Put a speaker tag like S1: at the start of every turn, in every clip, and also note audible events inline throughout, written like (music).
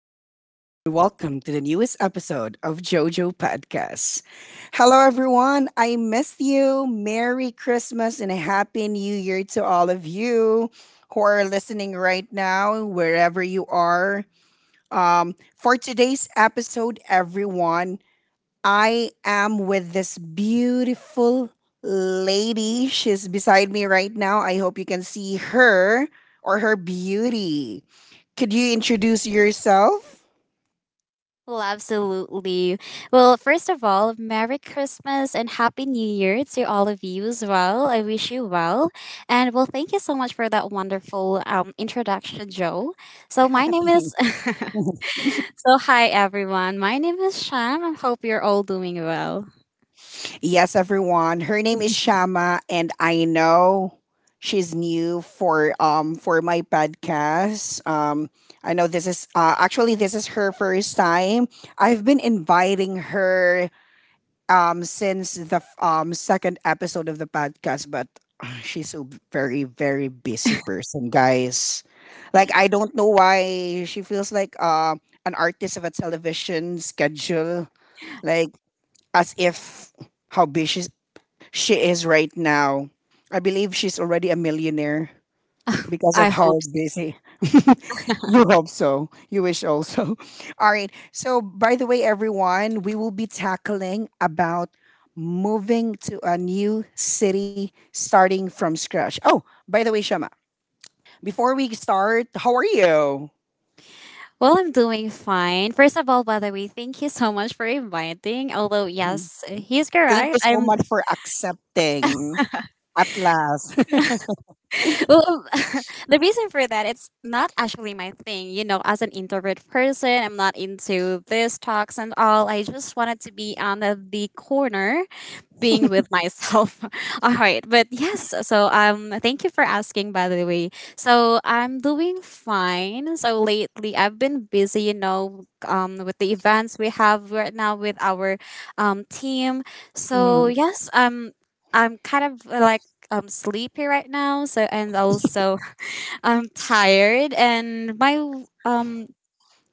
S1: is Jose, and welcome to the newest episode of JoJo Podcast. Hello, everyone. I missed you. Merry Christmas and a Happy New Year to all of you who are listening right now, wherever you are. For today's episode, everyone, I am with this beautiful lady. She's beside me right now. I hope you can see her or her beauty. Could you introduce yourself?
S2: Well, absolutely. Well, first of all, Merry Christmas and Happy New Year to all of you as well. I wish you well. And well, thank you so much for that wonderful introduction, Joe. So,
S1: (laughs)
S2: my name
S1: Thank
S2: is.
S1: you.
S2: (laughs) Hi, everyone. My name is Sham. I hope you're all doing well.
S1: Yes, everyone. Her name is Shama, and I know she's new for my podcast. I know this is her first time. I've been inviting her since the second episode of the podcast, but she's a very busy person, guys. Like, I don't know why she feels like an artist of a television schedule, like, as if how busy she is right now. I believe she's already a millionaire because
S2: I
S1: of how
S2: hope so.
S1: busy. (laughs) You hope so. You wish also. (laughs) All right. So, by the way, everyone, we will be tackling about moving to a new city, starting from scratch. Oh, by the way, Shama, before we start, how are you? (laughs)
S2: Well, I'm doing fine. First of all, by the way, thank you so much for inviting. Although,
S1: Mhm.
S2: yes, he's
S1: Thank you
S2: correct.
S1: so
S2: I'm
S1: much for accepting at last.
S2: well, (laughs) the reason for that it's not actually my thing. You know, as an introvert person, I'm not into this talks and all. I just wanted to be on the corner being with myself. (laughs) All right. But yes, so thank you for asking by the way. So I'm doing fine. So lately I've been busy, you know, with the events we have right now with our team. So
S1: Mm.
S2: yes, I'm kind of like sleepy right now. So and also (laughs) I'm tired and my um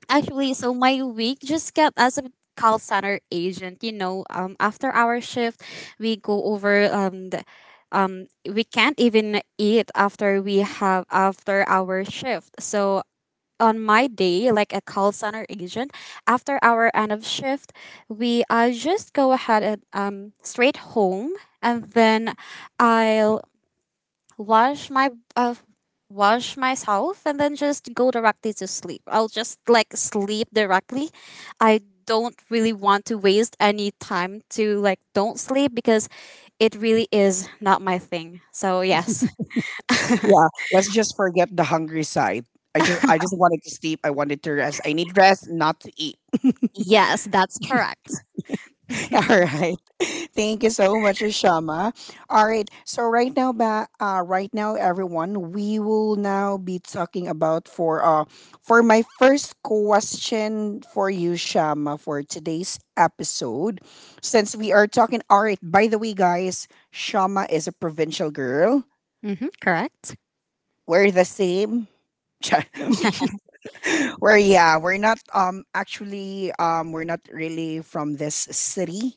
S2: actually, so my week just kept as a call center agent. You know, after our shift, we go over we can't even eat after we have after our shift. So on my day, like a call center agent, after our end of shift, we I just go ahead and straight home, and then I'll wash my uh, wash myself and then just go directly to sleep. I'll just like sleep directly. I don't really want to waste any time to like don't sleep because it really is not my thing. So yes.
S1: Yeah, let's just forget the hungry side. I just I
S2: (laughs)
S1: just wanted to sleep. I wanted to rest. I need rest, not to eat.
S2: Yes, that's correct.
S1: (laughs) All right. (laughs) Thank you so much, Shama. All right. So right now, right now, everyone, we will now be talking about for my first question for you, Shama, for today's episode. Since we are talking, all right. By the way, guys, Shama is a provincial girl.
S2: Mhm, correct.
S1: We're the same. (laughs) We're yeah, we're not actually we're not really from this city.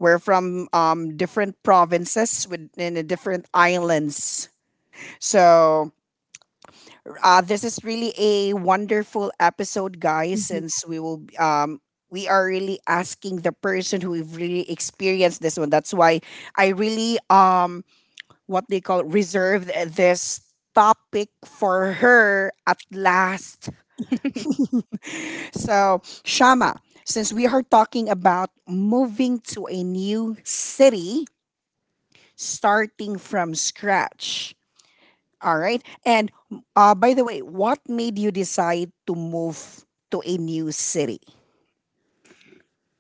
S1: We're from different provinces within the different islands. So this is really a wonderful episode, guys,
S2: (laughs)
S1: since we are really asking the person who have really experienced this one. That's why I really what they call reserved this topic for her at last. So, Shama, since we are talking about moving to a new city, starting from scratch, all right? And by the way, what made you decide to move to a new city?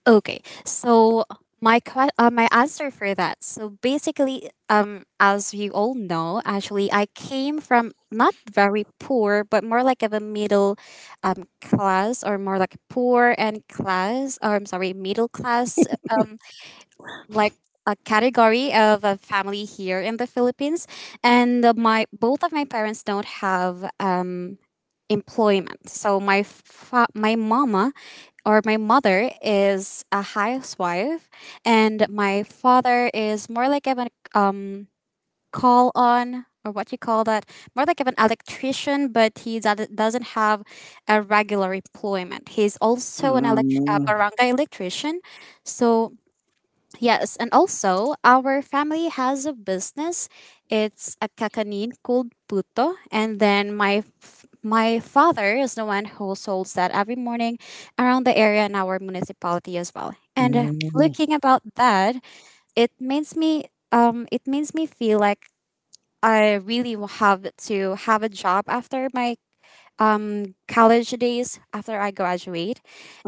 S2: Okay, so my answer for that. So basically, as you all know, actually, I came from not very poor, but more like of a middle, class or more like poor and class, or I'm sorry, middle class, like a category of a family here in the Philippines, and my both of my parents don't have employment. So my mama or my mother is a housewife, and my father is more like of an um call on, or what you call that, more like of an electrician, but doesn't have a regular employment. He's also a barangay electrician. So yes, and also our family has a business. It's a kakanin called puto, and then my father is the one who sells that every morning around the area in our municipality as well. And looking about that, it makes me it makes me feel like I really will have to have a job after my college days after I graduate.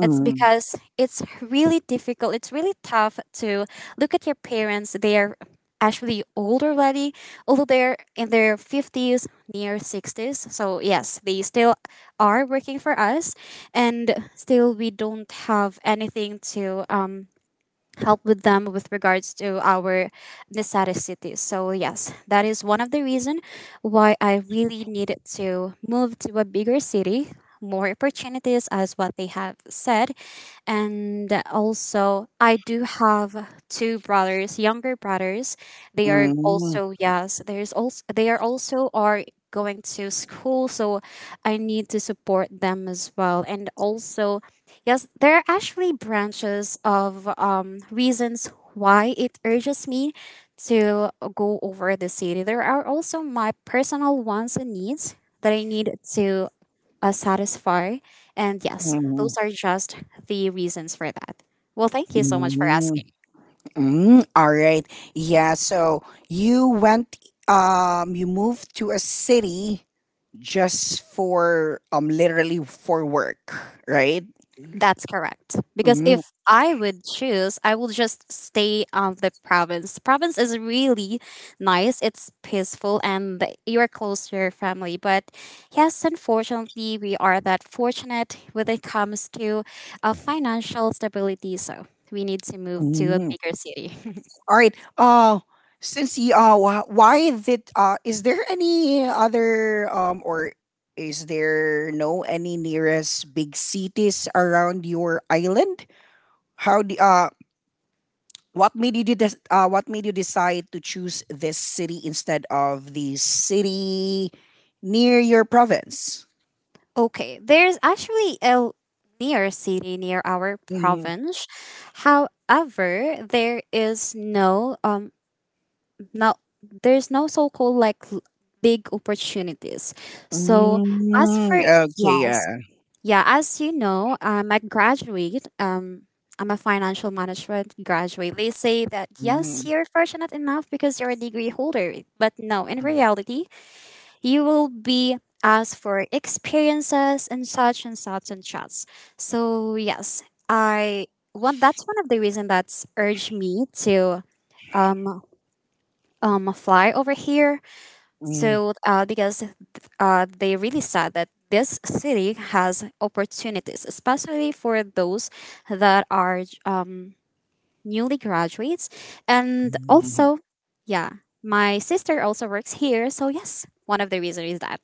S2: It's because it's really difficult. It's really tough to look at your parents. They are actually old already, although they're in their 50s, near 60s. So, yes, they still are working for us. And still, we don't have anything to. Help with them with regards to our necessity. So yes, that is one of the reason why I really needed to move to a bigger city, more opportunities as what they have said. And also I do have two brothers, younger brothers. They are also, yes, there's also they are also are going to school, so I need to support them as well. And also, yes, there are actually branches of reasons why it urges me to go over the city. There are also my personal wants and needs that I need to satisfy. And yes, those are just the reasons for that. Well, thank you so much for asking.
S1: Mm, all right. Yeah, so you went you moved to a city just for literally for work, right?
S2: That's correct. Because
S1: Mm,
S2: if I would choose, I will just stay on the province. Province is really nice. It's peaceful and you're close to your family. But yes, unfortunately, we are that fortunate when it comes to financial stability. So we need to move to a
S1: mm.
S2: bigger city. (laughs)
S1: All right. Uh, since you why did is there any other or is there no any nearest big cities around your island? How do what made you what made you decide to choose this city instead of the city near your province?
S2: Okay, there's actually a near city near our
S1: Mhm.
S2: province. However, there is no now there's no so-called like big opportunities. So as
S1: Mm,
S2: for,
S1: okay,
S2: yes,
S1: yeah.
S2: yeah, as you know, I'm a financial management graduate. They say that, yes,
S1: Mm,
S2: you're fortunate enough because you're a degree holder, but no, in
S1: mm,
S2: reality, you will be asked for experiences and such and such and such. So yes, I one that's one of the reasons that's urged me to um fly over here. So, because they really said that this city has opportunities, especially for those that are newly graduates. And
S1: mm.
S2: also, yeah, my sister also works here. So, yes, one of the reasons is that.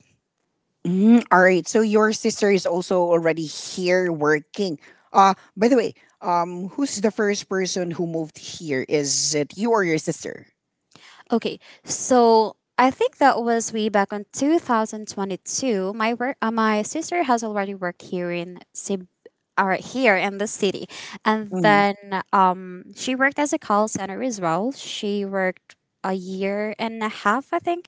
S1: Mm, all right. So your sister is also already here working. Uh, by the way, who's the first person who moved here? Is it you or your sister?
S2: Okay, so I think that was way back on 2022. My sister has already worked here in Cebu, or here in the city, and
S1: Mm,
S2: then she worked as a call center as well. She worked a year and a half, I think,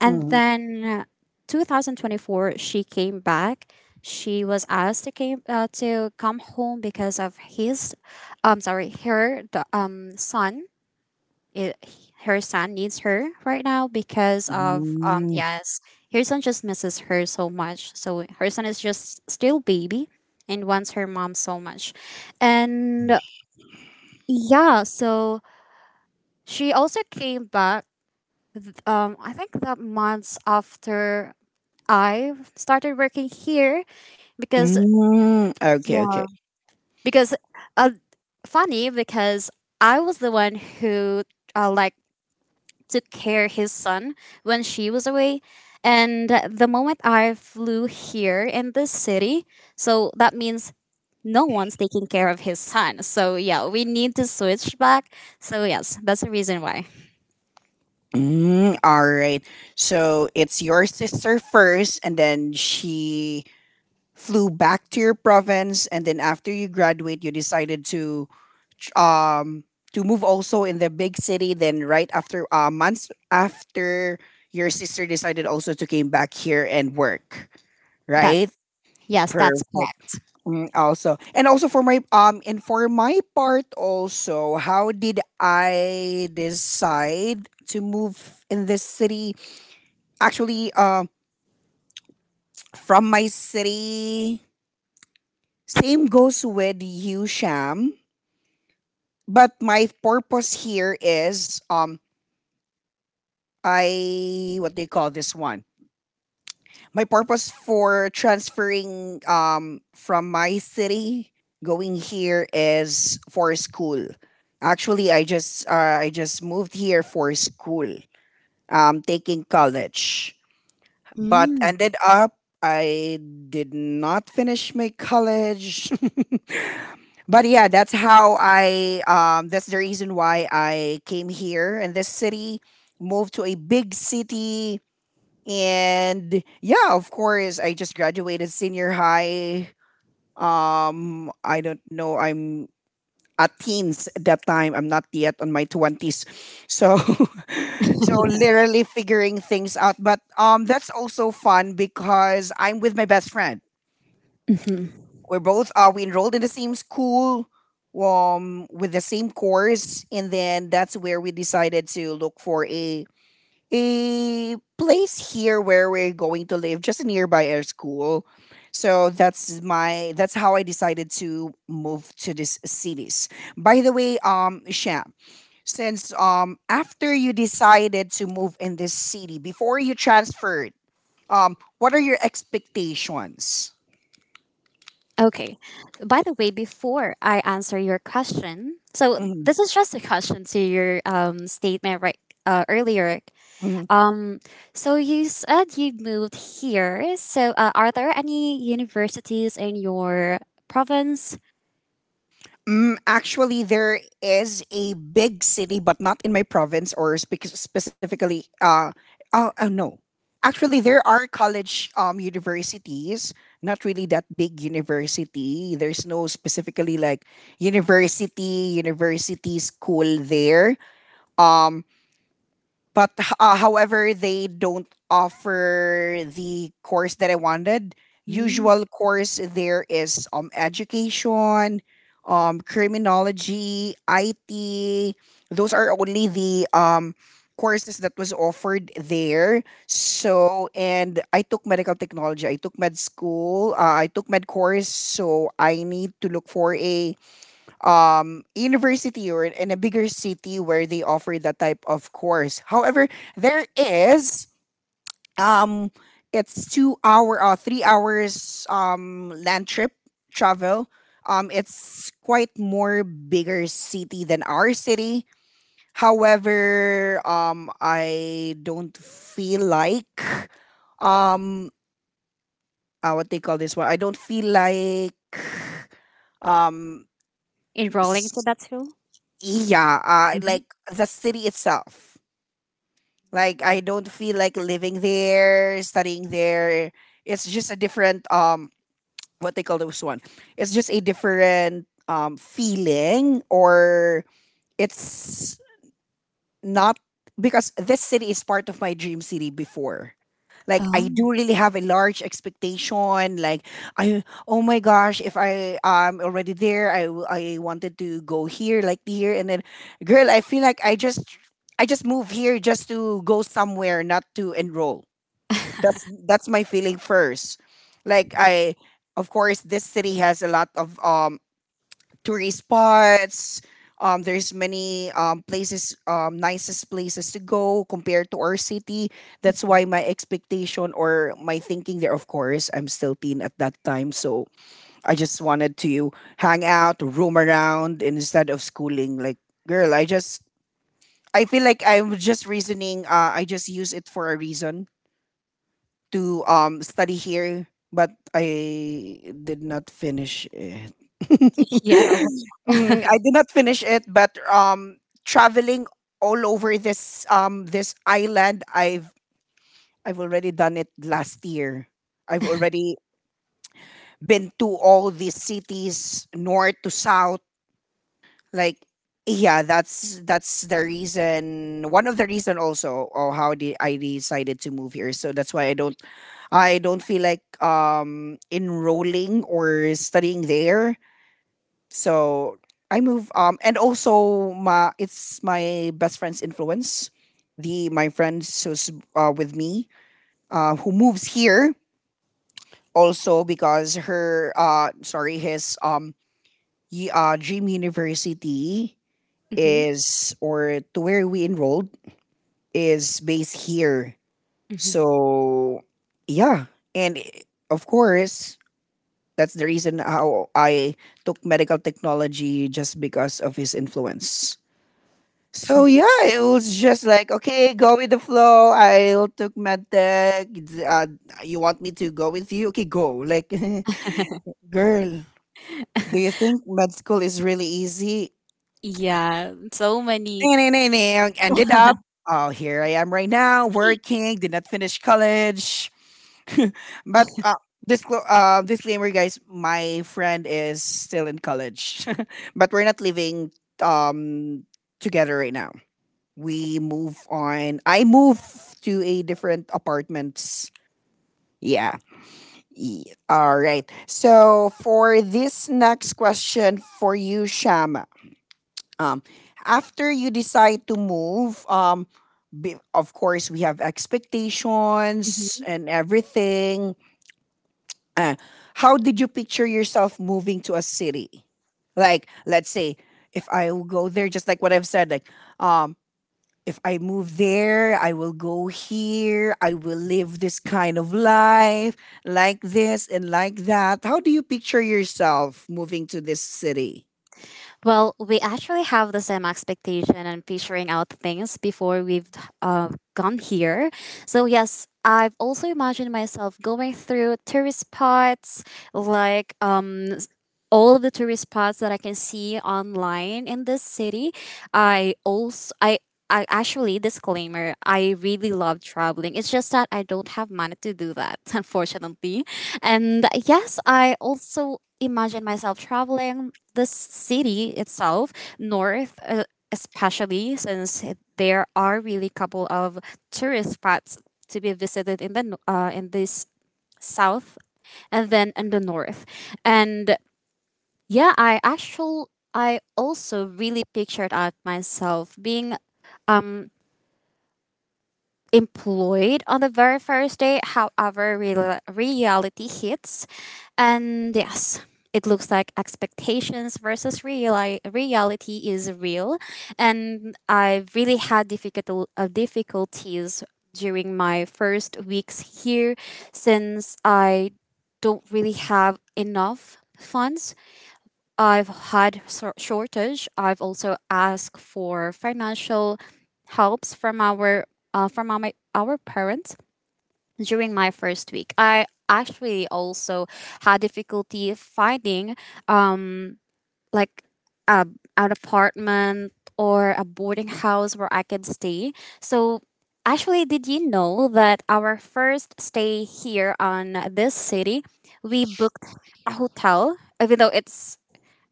S2: and
S1: mm,
S2: then 2024 she came back. She was asked to come home because of his, sorry, her, son. Her son needs her right now because of, um,
S1: mm,
S2: yes, her son just misses her so much. So her son is just still baby and wants her mom so much. And yeah, so she also came back I think the months after I started working here. Because,
S1: mm. Okay,
S2: yeah,
S1: okay.
S2: because uh funny, because I was the one who like took care his son when she was away. And the moment I flew here in this city, so that means no one's taking care of his son. So yeah, we need to switch back. So yes, that's the reason why.
S1: Mm, all right. So it's your sister first, and then she flew back to your province, and then after you graduate, you decided to tr- um to move also in the big city. Then right after months after your sister decided also to came back here and work.
S2: That,
S1: Right.
S2: yes, that's
S1: Perfect.
S2: correct.
S1: Mm, also, and also for my and for my part also, how did I decide to move in this city? Actually, from my city, same goes with you, Sham. But my purpose here is I what do you call this one? My purpose for transferring from my city going here is for school. Actually, I just moved here for school. Taking college. But
S2: Mm. (laughs)
S1: ended up I did not finish my college. (laughs) But yeah, that's how I that's the reason why I came here in this city, moved to a big city, and yeah, of course, I just graduated senior high. Um, I don't know, I'm a teens at that time. I'm not yet on my twenties, so (laughs) so literally figuring things out. But that's also fun because I'm with my best friend.
S2: Mhm.
S1: We're both we enrolled in the same school, with the same course, and then that's where we decided to look for a place here where we're going to live just nearby our school. So that's my that's how I decided to move to these cities. By the way, um, Sham, since after you decided to move in this city, before you transferred, what are your expectations?
S2: Okay. By the way, before I answer your question, so
S1: Mhm,
S2: this is just a question to your statement, right, earlier.
S1: mhm.
S2: Um, so you said you moved here. So are there any universities in your province?
S1: Mm, actually, there is a big city, but not in my province or specifically. Uh, oh, oh, no. Actually, there are college universities, not really that big university. There's no specifically like university, university school there. Um, but however, they don't offer the course that I wanted.
S2: Mm.
S1: Usual course there is education, criminology, IT. Those are only the courses that was offered there. So and I took medical technology. I took med school. I took med course. So I need to look for a university or in a bigger city where they offer that type of course. However, there is um it's 2 hour or 3 hours land trip travel. Um, it's quite more bigger city than our city. However, I don't feel like um what they call this one. I don't feel like um
S2: Enrolling to that school?
S1: yeah
S2: Mhm.
S1: like the city itself, like, I
S2: Mm.
S1: don't feel like living there, studying there. It's just a different what they call those one. It's just a different feeling or it's not, because this city is part of my dream city before. Like, I
S2: Oh,
S1: do really have a large expectation. Like I, oh my gosh, if I am already there, I wanted to go here, like here, and then, girl, I feel like I just move here just to go somewhere, not to enroll. That's my feeling first. Like I, of course, this city has a lot of tourist spots. There's many places, nicest places to go compared to our city. That's why my expectation or my thinking there, of course, I'm still teen at that time. So I just wanted to hang out, roam around instead of schooling. Like, girl, I just, I feel like I'm just reasoning, I just use it for a reason to study here, but I did not finish it.
S2: yeah.
S1: (laughs) Mm, I did not finish it, but traveling all over this this island, I've already done it last year. I've already been to all these cities, north to south. Like, yeah, that's the reason, one of the reason also or how I decided to move here. So that's why I don't feel like enrolling or studying there. So I move um, and also my it's my best friend's influence, the my friends who's with me who moves here also because her sorry his dream university
S2: Mm-hmm.
S1: is or to where we enrolled is based here.
S2: Hmm.
S1: So yeah, and of course that's the reason how I took medical technology just because of his influence. So yeah, it was just like okay, go with the flow. I'll took medtech. It's, uh, you want me to go with you? Okay, go. Like, (laughs) girl, do you
S2: (laughs)
S1: think med school is really easy?
S2: Yeah, so many.
S1: (laughs) Ended up,
S2: (laughs)
S1: oh, here I am right now, working, did not finish college. (laughs) But disclaimer, guys, my friend is still in college, (laughs) but we're not living um together right now. We move on. I move to a different apartments. Yeah. All right. So for this next question for you, Sham, um, after you decide to move, be, of course, we have expectations and everything. Uh, how did you picture yourself moving to a city? Like, let's say, if I will go there, just like what I've said, like, um, if I move there, I will go here, I will live this kind of life, like this and like that. How do you picture yourself moving to this city?
S2: Well, we actually have the same expectation and figuring out things before we've uh, gone here. So, yes, I've also imagined myself going through tourist spots, like all of the tourist spots that I can see online in this city. I also, I I actually, disclaimer, I really love traveling. It's just that I don't have money to do that (laughs) unfortunately. And yes, I also imagine myself traveling the city itself, north, especially since there are really couple of tourist spots to be visited in the in this south and then in the north. And yeah, I also really pictured out myself being um employed on the very first day. However, reality hits. And yes, it looks like expectations versus reality is real. And I really had difficulties during my first weeks here, since I don't really have enough funds. I've had shortage. I've also asked for financial helps from our our parents during my first week. I actually also had difficulty finding um like a, an apartment or a boarding house where I could stay. So actually, did you know that our first stay here on this city we booked a hotel, even though it's,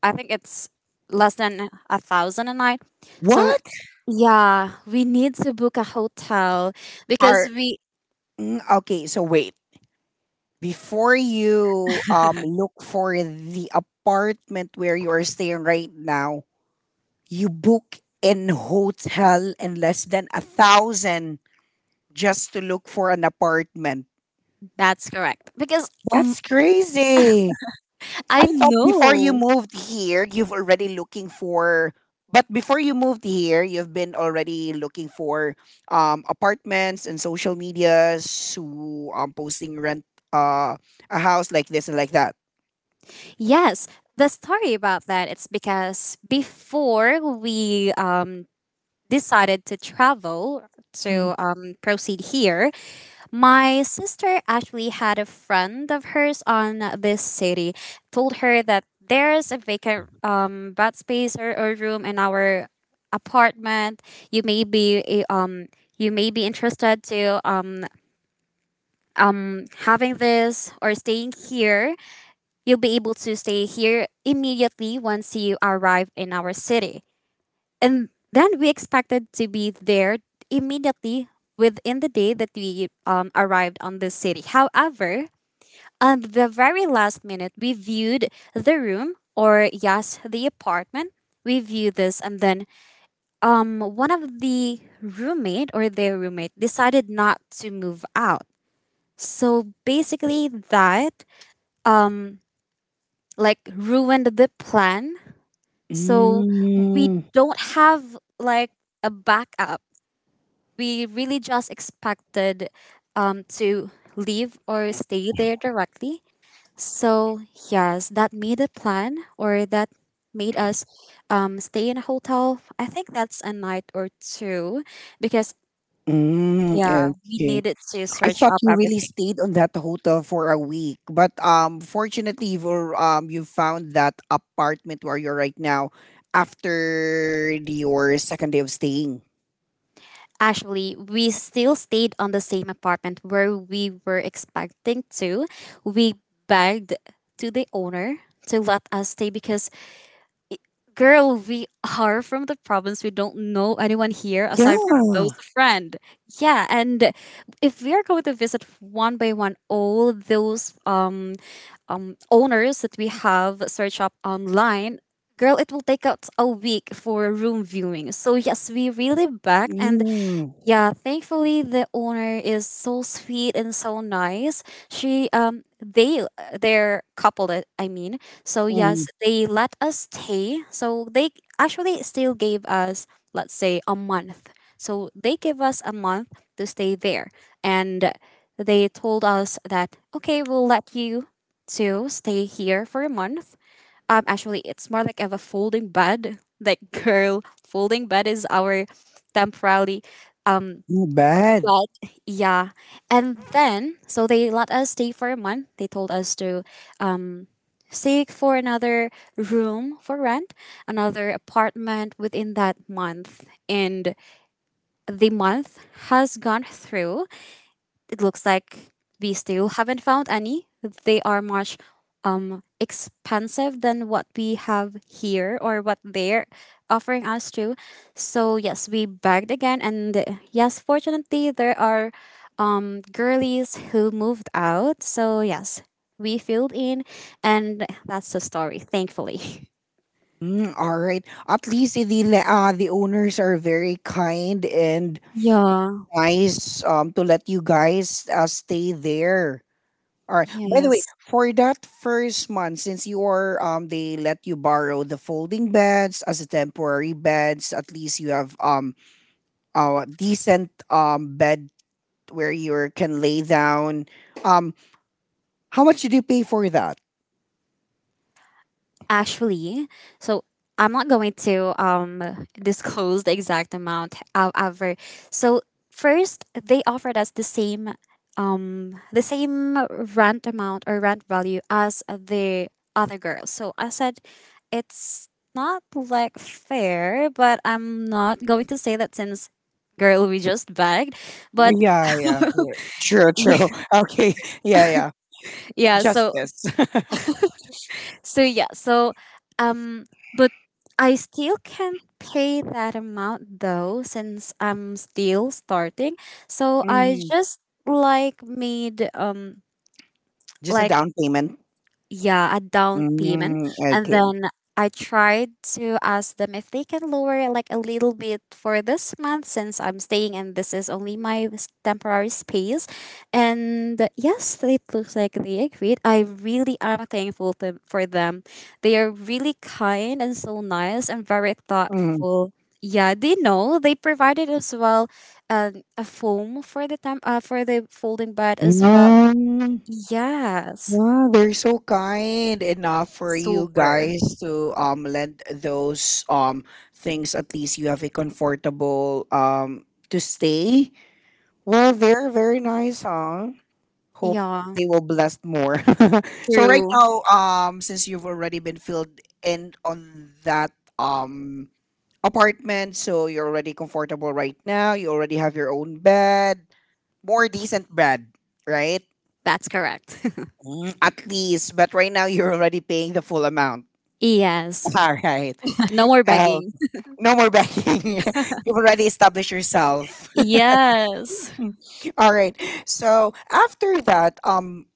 S2: I think it's less than a thousand a night. So
S1: What
S2: yeah, we need to book a hotel because
S1: are
S2: we
S1: mm, okay? So wait, before you look for the apartment where you are staying right now, you book in hotel in less than a thousand just to look for an apartment.
S2: that's correct. Because,
S1: That's crazy.
S2: I
S1: I thought before you
S2: know.
S1: moved here, you've already looking for But before you moved here, you've been already looking for apartments and social medias who posting rent uh a house like this and like that.
S2: Yes, the story about that, it's because before we decided to travel
S1: Mm.
S2: to proceed here, my sister actually had a friend of hers on this city, told her that there's a vacant bed space or room in our apartment. You may be you may be interested to having this or staying here. You'll be able to stay here immediately once you arrive in our city. And then we expected to be there immediately within the day that we, arrived on the city. However, on the very last minute, we viewed the room or, yes, the apartment. We viewed this, and then one of the roommate or their roommate decided not to move out. So basically, that um, like ruined the plan. So we
S1: Mm,
S2: don't have like a backup. We really just expected, to leave or stay there directly. So, yes, that made a plan or that made us, stay in a hotel. I think that's a night or two because,
S1: mm,
S2: yeah, we
S1: okay.
S2: needed to
S1: I
S2: search
S1: thought
S2: up
S1: you really
S2: everything.
S1: stayed on that hotel for a week, but fortunately, you've, you found that apartment where you're right now after your second day of staying.
S2: Actually, we still stayed on the same apartment where we were expecting to. We begged to the owner to let us stay because, girl, we are from the province. We don't know anyone here aside from
S1: Yeah.
S2: those friend. Yeah, and if we are going to visit one by one all those owners that we have search up online, girl, it will take us a week for room viewing. So yes, we really back and,
S1: Mm.
S2: yeah, thankfully the owner is so sweet and so nice. She they're coupled, I mean. So
S1: Mm.
S2: yes, they let us stay. So they actually still gave us, let's say, a month. So they gave us a month to stay there, and they told us that okay, we'll let you to stay here for a month. Actually it's more like of a folding bed. (laughs) Like, girl, folding bed is our temporarily, um
S1: Not bad.
S2: but yeah. And then, so they let us stay for a month. They told us to um, seek for another room for rent, another apartment within that month. And the month has gone through, it looks like we still haven't found any. They are much expensive than what we have here, or what they're offering us too. So yes, we begged again, and yes, fortunately there are girlies who moved out. So yes, we filled in, and that's the story. Thankfully. (laughs)
S1: Mm, all right. At least the owners are very kind and
S2: Yeah.
S1: nice to let you guys stay there. All right. By the way,
S2: Yes.
S1: for that first month, since you are they let you borrow the folding beds as a temporary beds. At least you have a decent bed where you can lay down. Um, how much did you pay for that?
S2: Actually, so I'm not going to disclose the exact amount. However, so first they offered us the same, the same rent amount or rent value as the other girls. So I said it's not like fair, but I'm not going to say that since, girl, we just begged. But
S1: Yeah, yeah, yeah, true, true. (laughs) Okay, yeah, yeah.
S2: (laughs) yeah. so
S1: Justice. (laughs)
S2: So yeah, so um but I still can't pay that amount though, since I'm still starting. So I
S1: Mhm.
S2: just, like, made
S1: Just a
S2: like,
S1: down payment.
S2: yeah, a down payment.
S1: Mm,
S2: And
S1: okay.
S2: then I tried to ask them if they can lower, like, a little bit for this month, since I'm staying and this is only my temporary space. And yes, it looks like they agreed. I really am thankful for them. They are really kind and so nice and very
S1: Mm.
S2: thoughtful. Yeah, they know, they provided as well a foam for the time for the folding bed as well.
S1: Mm.
S2: Yes,
S1: Yeah, they're so kind enough for you
S2: super.
S1: guys to lend those things. At least you have a comfortable to stay. Well, they're very nice, huh? Hope
S2: Yeah,
S1: they will bless more. (laughs) So right
S2: true.
S1: now, since you've already been filled in on that apartment, so you're already comfortable right now. You already have your own bed, more decent bed, right?
S2: That's correct.
S1: Mm, at least, but right now you're already paying the full amount.
S2: (laughs) Yes.
S1: (laughs) All right.
S2: No more
S1: Uh,
S2: begging.
S1: no more begging. (laughs) You've already established yourself.
S2: Yes.
S1: (laughs) All right. So after that, um,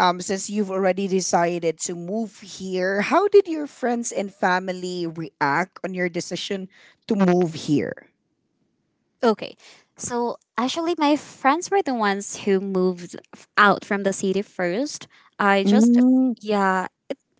S1: um, since you've already decided to move here, how did your friends and family react on your decision to move here?
S2: Okay. So actually, my friends were the ones who moved out from the city first. I just,
S1: Mm,
S2: yeah,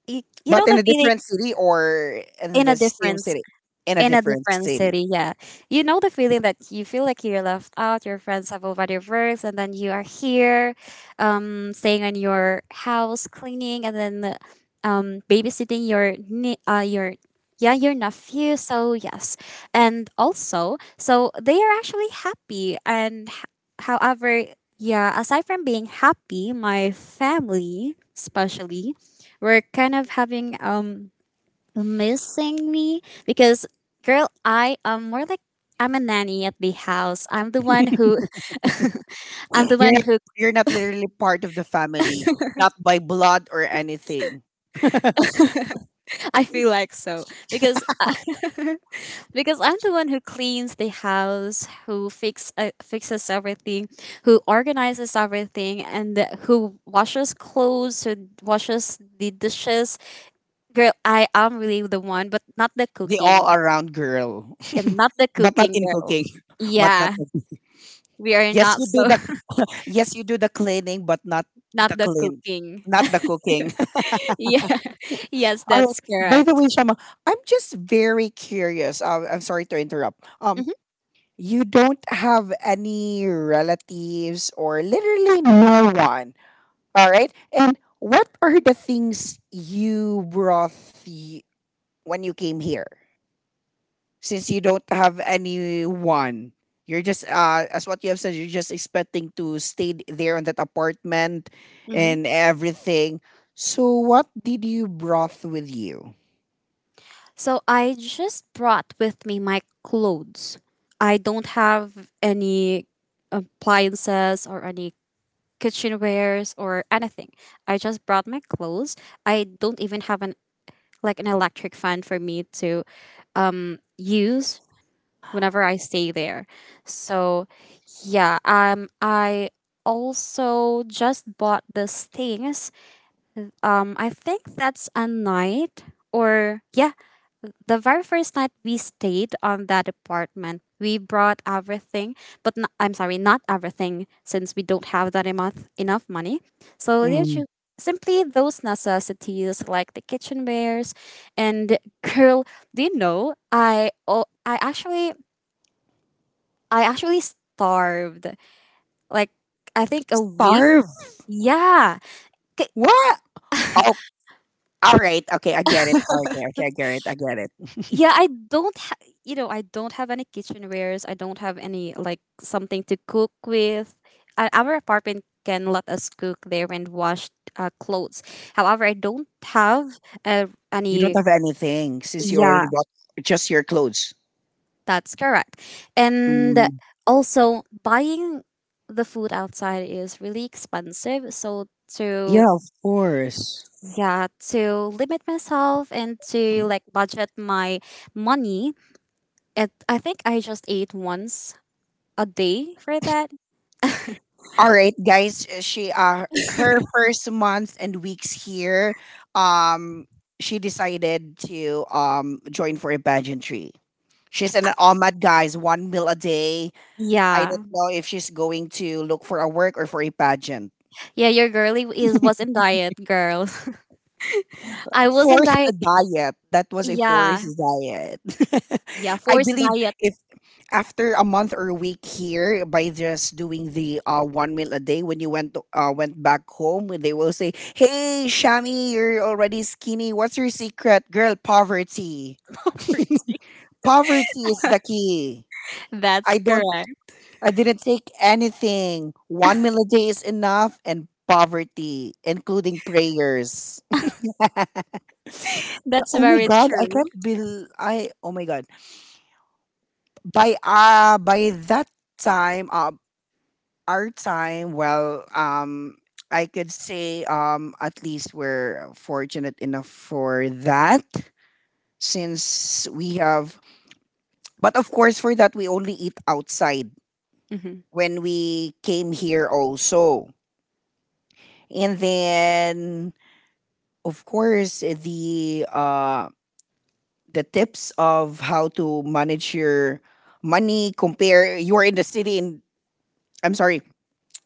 S2: you know
S1: but in
S2: the
S1: a
S2: feeling.
S1: different city or in
S2: in a
S1: the same
S2: different
S1: city? In a
S2: in a
S1: different
S2: different
S1: city.
S2: city, yeah. You know the feeling that you feel like you're left out, your friends have already worked, and then you are here staying in your house, cleaning, and then babysitting your your nephew. So yes. And also, so they are actually happy, and however, yeah, aside from being happy, my family especially, we're kind of having, missing me. Because, girl, I am more like, I'm a nanny at the house, I'm the one who (laughs) I'm the
S1: You're
S2: one
S1: not,
S2: who
S1: you're not literally part of the family, not
S2: (laughs)
S1: by blood or anything.
S2: I feel like so because I- (laughs) because I'm the one who cleans the house, who fixes everything, who organizes everything, and who washes clothes, who washes the dishes. Girl, I am really the one, but not the
S1: The all
S2: cooking,
S1: around girl,
S2: and not the
S1: (laughs) but not
S2: cooking
S1: in
S2: girl.
S1: cooking, (laughs) but not
S2: Yeah, we are
S1: yes
S2: not
S1: you do
S2: so.
S1: the
S2: (laughs)
S1: (laughs) yes you do the cleaning, but not the
S2: Not the
S1: clean,
S2: cooking.
S1: not the cooking. (laughs)
S2: (laughs) Yeah, yes,
S1: All right.
S2: that's
S1: By the
S2: correct.
S1: way, Shama, I'm just very curious. I'm sorry to interrupt.
S2: Hmm.
S1: You don't have any relatives or literally no one. All right. And what are the things you brought when you came here, since you don't have anyone? You're just as what you have said, you're just expecting to stay there in that apartment
S2: Hmm.
S1: and everything. So what did you brought with you?
S2: So I just brought with me my clothes. I don't have any appliances or any kitchenwares or anything. I just brought my clothes. I don't even have an, like, an electric fan for me to use whenever I stay there. So yeah, I also just bought these things. I think that's a night, or yeah, the very first night we stayed on that apartment. We brought everything, but no, I'm sorry, not everything, since we don't have that enough money. So there's
S1: Mm.
S2: simply those necessities like the kitchenwares, and, girl, do you know, I actually starved, like, I think a week.
S1: Starve.
S2: Yeah.
S1: What? Oh, all right. Okay, I get it. Okay, okay, I get it, I get it.
S2: Yeah, I don't I don't have any kitchenwares. I don't have any, like, something to cook with. Our apartment can let us cook there and wash, clothes. However, I don't have
S1: You don't
S2: any.
S1: have anything since you
S2: Yeah,
S1: already bought just your clothes.
S2: that's correct. And
S1: Mm.
S2: also buying the food outside is really expensive, so
S1: Yeah,
S2: to
S1: of course.
S2: yeah, to limit myself and to, like, budget my money, I think I just ate once a day for that.
S1: All right, guys. She her first months and weeks here, um, she decided to join for a pageantry. She's an OMAD, guys. One meal a day. I don't
S2: Yeah.
S1: know if she's going to look for a work or for a pageant.
S2: Yeah, your girly is was in diet, girl. (laughs) I was in
S1: Forced
S2: diet.
S1: diet. That was a
S2: Yeah.
S1: forced diet.
S2: Yeah,
S1: (laughs) I
S2: forced
S1: believe
S2: diet.
S1: if after a month or a week here by just doing the one meal a day, when you went to, went back home, they will say, "Hey Shami, you're already skinny. What's your secret?" Girl, poverty.
S2: (laughs)
S1: (laughs)
S2: Poverty.
S1: Poverty is the key. i
S2: That's
S1: don't
S2: correct.
S1: I didn't take anything. One meal a day is enough, and poverty, including prayers. (laughs)
S2: That's
S1: Oh my
S2: very
S1: god, I
S2: true.
S1: can't bel I oh my god. By by that time our time, well, I could say at least we're fortunate enough for that since we have, but of course, for that, we only eat outside
S2: Hmm.
S1: when we came here also. And then, of course, the tips of how to manage your money compare you're in the city and I'm sorry,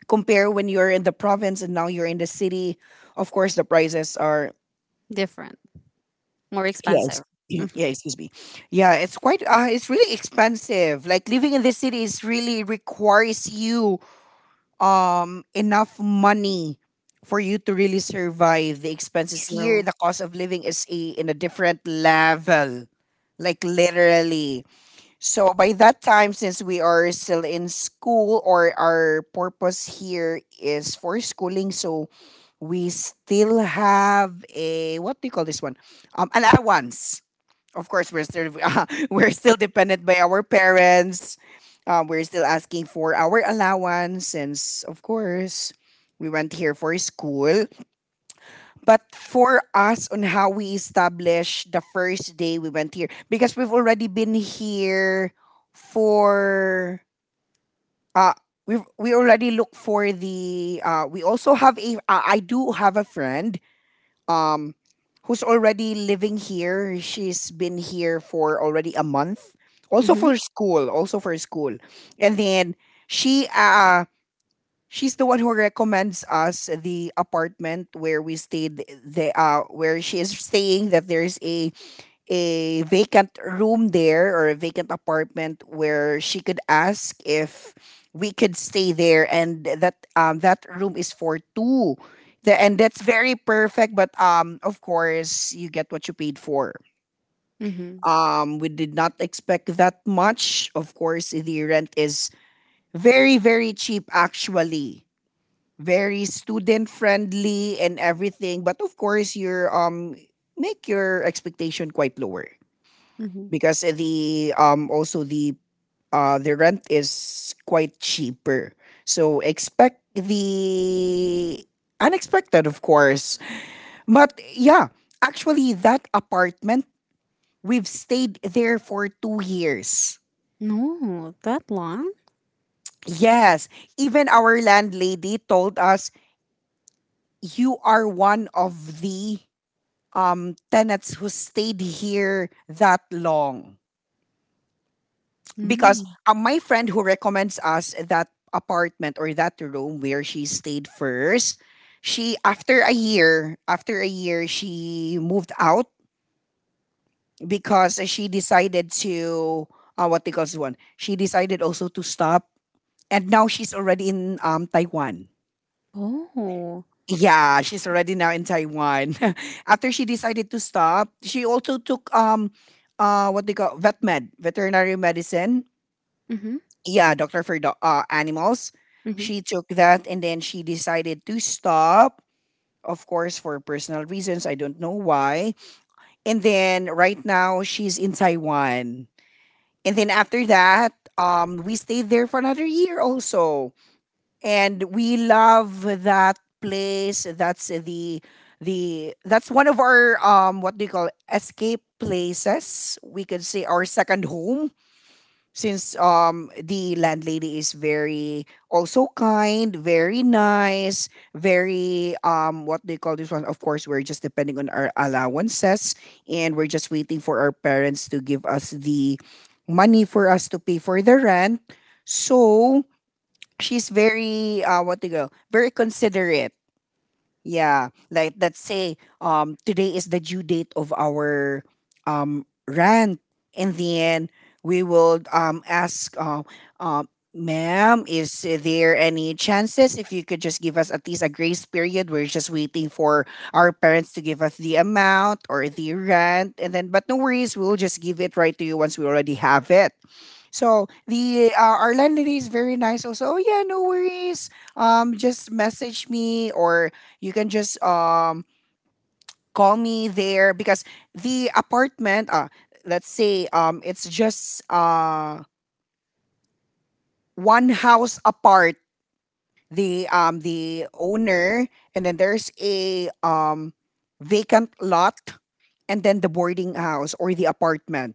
S1: compare when you're in the province and now you're in the city, of course the prices are
S2: Different. More
S1: yes.
S2: expensive.
S1: (clears throat)
S2: Hmm.
S1: Yeah, excuse me. Yeah, it's quite it's really expensive. Like living in the city is really requires you enough money for you to really survive the expenses here.
S2: True.
S1: The cost of living is a, in a different level. Like literally. So by that time, since we are still in school or our purpose here is for schooling, so we still have a, what do you call this one? Um, an allowance. Of course we're still (laughs) we're still dependent by our parents. We're still asking for our allowance since of course we went here for school. But for us on how we established the first day we went here, because we've already been here for uh, we already look for the we also have a I do have a friend um, who's already living here. She's been here for already a month, also
S2: Mm-hmm.
S1: for school, also for school. And then she uh she's the one who recommends us the apartment where we stayed, the where she is staying, that there's a vacant room there or a vacant apartment where she could ask if we could stay there, and that that room is for two. And that's very perfect, but um, of course you get what you paid for.
S2: Mm-hmm.
S1: Um, we did not expect that much. Of course the rent is very very cheap actually, very student friendly and everything, but of course your make your expectation quite lower,
S2: Mm-hmm.
S1: because the also the rent is quite cheaper. So expect the unexpected of course. But yeah, actually that apartment, we've stayed there for 2 years.
S2: No, that long?
S1: Yes, even our landlady told us, "You are one of the tenants who stayed here that long." Because
S2: Mm.
S1: my friend who recommends us that apartment or that room where she stayed first, she after a year, after a year she moved out, because she decided to what they call this one, she decided also to stop, and now she's already in Taiwan.
S2: Oh.
S1: Yeah, she's already now in Taiwan. (laughs) After she decided to stop, she also took what they call vet med, veterinary medicine.
S2: Mm-hmm.
S1: Yeah, doctor for animals.
S2: Mm-hmm.
S1: She took that and then she decided to stop, of course, for personal reasons. I don't know why. And then right now she's in Taiwan. And then after that, we stayed there for another year also. And we love that place. That's the That's one of our um, what do you call, escape places. We could say our second home, since the landlady is very also kind, very nice, very um, what they call this one. Of course, we're just depending on our allowances, and we're just waiting for our parents to give us the money for us to pay for the rent. So she's very what they go, very considerate. Yeah, like let's say today is the due date of our rent, and then we will ask um, "Ma'am, is there any chances if you could just give us at least a grace period? We're just waiting for our parents to give us the amount or the rent, and then but no worries, we'll just give it right to you once we already have it." So the our landlady is very nice. Also, "Oh yeah, no worries. Just message me, or you can just call me there," because the apartment. Let's say it's just one house apart. The owner, and then there's a vacant lot, and then the boarding house or the apartment.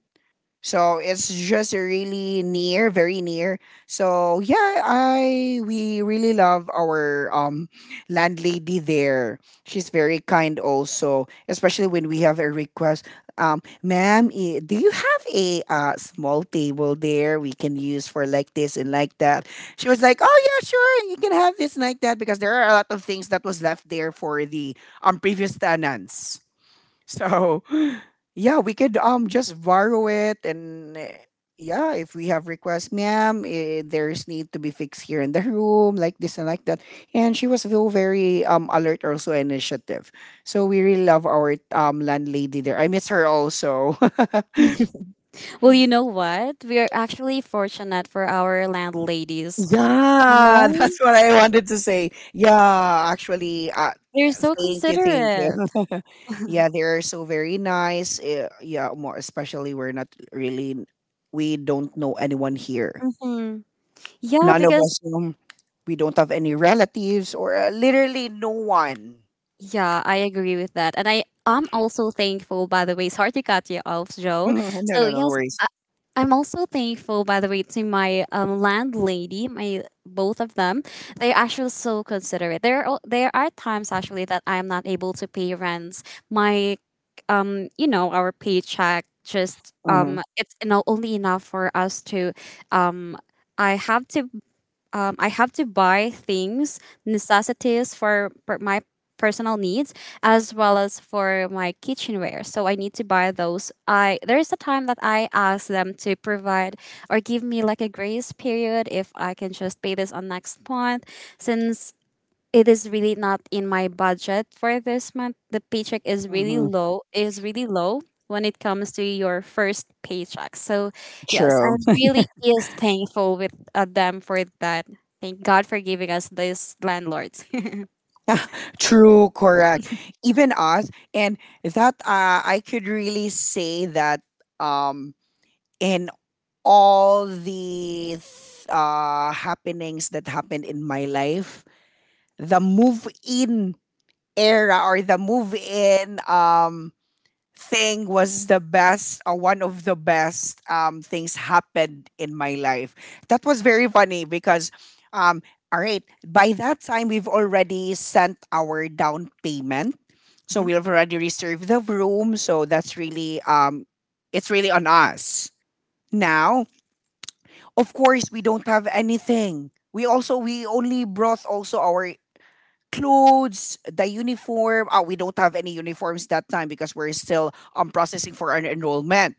S1: So it's just really near, very near. So yeah, I we really love our landlady there. She's very kind also, especially when we have a request. "Ma'am, eh, do you have a small table there we can use for like this and like that?" She was like, "Oh yeah, sure, you can have this and like that, because there are a lot of things that was left there for the previous tenants." So, (laughs) yeah, we could just borrow it, and eh, yeah, if we have requests, "Ma'am, eh, there's need to be fixed here in the room, like this and like that." And she was so very alert, also initiative. So we really love our landlady there. I miss her also.
S2: Well, you know what? We are actually fortunate for our landladies.
S1: Yeah,
S2: No,
S1: that's what I wanted to say. Yeah, actually,
S2: they're so
S1: thank you, thank you.
S2: considerate.
S1: (laughs)
S2: (laughs)
S1: Yeah, they're so very nice. Yeah, more especially we're not really, we don't know anyone here.
S2: Mhm. Yeah,
S1: None of
S2: because,
S1: us, we don't have any relatives or literally no one.
S2: yeah, I agree with that, and I am also thankful. By the way, sorry to cut you off, Joe.
S1: Mhm, no,
S2: So
S1: no, no
S2: yes,
S1: worries.
S2: I'm also thankful. By the way, to my landlady, my both of them, they're actually so considerate. There are times actually that I am not able to pay rents. My our paycheck just
S1: Hmm.
S2: it's, you know, only enough for us to um. I have to I have to buy things, necessities for my personal needs as well as for my kitchenware. So I need to buy those. I there is a time that I ask them to provide or give me like a grace period if I can just pay this on next month, since it is really not in my budget for this month. The paycheck is really
S1: Hmm.
S2: low. Is really low when it comes to your first paycheck. So, yes, I
S1: True. (laughs)
S2: really is thankful with them for that. Thank God for giving us these landlords.
S1: True, correct. Even us, and that I could really say that um, in all the happenings that happened in my life, the move in era or the move in um thing was the best, one of the best um things happened in my life. That was very funny because, um, all right, by that time, we've already sent our down payment. So we've already reserved the room. So that's really, it's really on us. Now, of course, we don't have anything. We only brought also our clothes, the uniform. We don't have any uniforms that time because we're still processing for our enrollment.